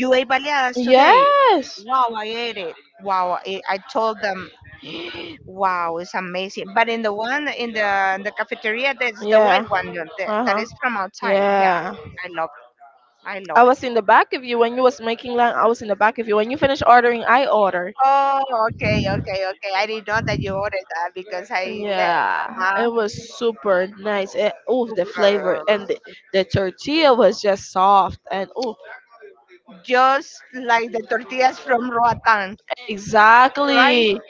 S2: You ate baleadas today?
S1: Yes.
S2: Wow, I ate it. Wow, I told them, wow, it's amazing. But in the one in the cafeteria, that's the white
S1: Yeah.
S2: one, that
S1: Uh-huh.
S2: is from outside. Yeah,
S1: Yeah.
S2: I love, I love
S1: I
S2: it.
S1: was in the back of you when you was making line. I was in the back of you. When you finished ordering, I ordered.
S2: Oh, okay, okay, okay. I didn't know that you ordered that because I left.
S1: Yeah, it was super nice. And, oh, the flavor
S2: Uh-huh.
S1: and the tortilla was just soft and oh,
S2: Just like the tortillas from Roatan, right?
S1: exactly,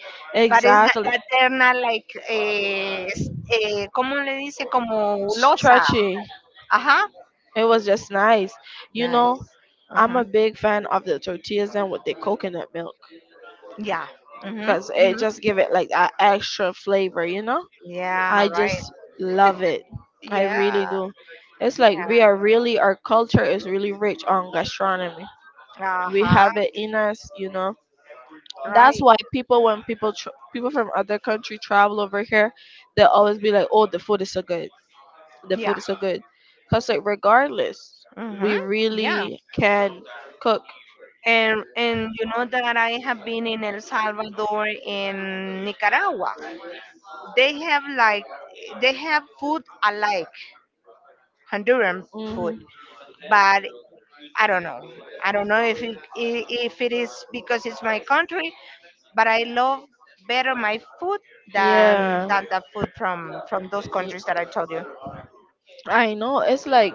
S2: But it's that,
S1: exactly
S2: that they're not like, ¿cómo le dice? Como losa.
S1: stretchy.
S2: Ajá.
S1: It was just nice. You know,
S2: Nice.
S1: I'm
S2: Mm-hmm.
S1: a big fan of the tortillas and with the coconut milk
S2: Yeah. Mm-hmm.
S1: because it
S2: Mm-hmm.
S1: just give it like that extra flavor. You know.
S2: Yeah,
S1: I
S2: right.
S1: just love it. I
S2: Yeah.
S1: really do. It's like we are really our culture is really rich on gastronomy.
S2: Yeah.
S1: We
S2: Uh-huh.
S1: have it in us, you know. That's
S2: Right.
S1: why people when people from other country travel over here, they'll always be like, "Oh, the food is so good. The
S2: Yeah.
S1: food is so good." Cause like regardless,
S2: Mm-hmm.
S1: we
S2: Yeah.
S1: really can cook.
S2: And you know that I have been in El Salvador, in Nicaragua. They have like they have food alike, Honduran food,
S1: Hmm.
S2: but I don't know. I don't know if it is because it's my country, but I love better my food than
S1: Yeah,
S2: than the food from those
S1: Y-
S2: countries that I told you.
S1: I know. It's like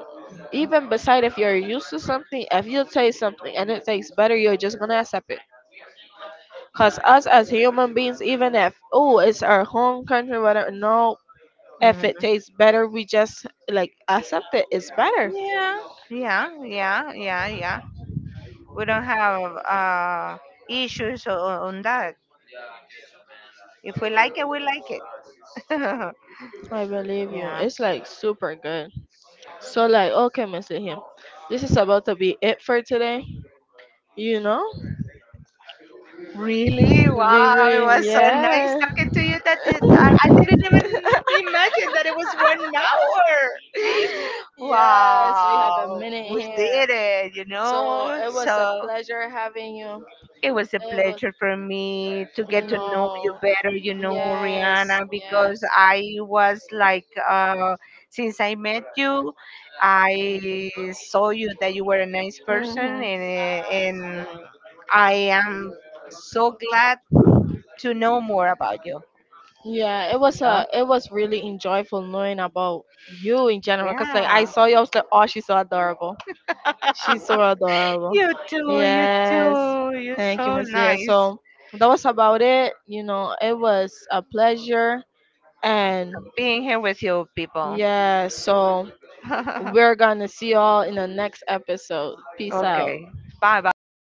S1: even beside if you're used to something, if you taste something and it tastes better, you're just gonna accept it. Because us as human beings, even if, oh, it's our home country, whether or not, if it
S2: Hmm
S1: tastes better, we just like accept it. It's better.
S2: Yeah, yeah, yeah, yeah, yeah. We don't have uh, issues on that. If we like it, we like it.
S1: I believe you.
S2: Yeah.
S1: It's like super good. So, like, okay, Miss Him, this is about to be it for today. You know?
S2: Really?
S1: We
S2: Wow, it
S1: really,
S2: was so nice
S1: yeah.
S2: talking to you that it, I, I didn't even imagine that it was 1 hour.
S1: Yes, we have a
S2: Wow,
S1: minute
S2: we
S1: here.
S2: did it, you
S1: So,
S2: know?
S1: it was a
S2: So
S1: pleasure having you.
S2: it was a
S1: It was,
S2: pleasure for me to get
S1: you
S2: to know you
S1: know,
S2: better,
S1: yes,
S2: Rihanna,
S1: yes.
S2: because I was like, since I met you, I saw you that you were a nice person,
S1: Hmm.
S2: and I am so glad to know more about you.
S1: Yeah,
S2: So,
S1: it was really enjoyable knowing about you in general. Cause like
S2: yeah.
S1: I saw you, I was like, oh, she's so adorable. She's so adorable.
S2: You too, you
S1: Yes,
S2: too. You're
S1: thank you,
S2: so
S1: Miss Leah.
S2: nice
S1: So that was about it. You know, it was a pleasure, and
S2: being here with you people.
S1: yeah. So we're gonna see y'all in the next episode. Peace out.
S2: Okay. Bye bye.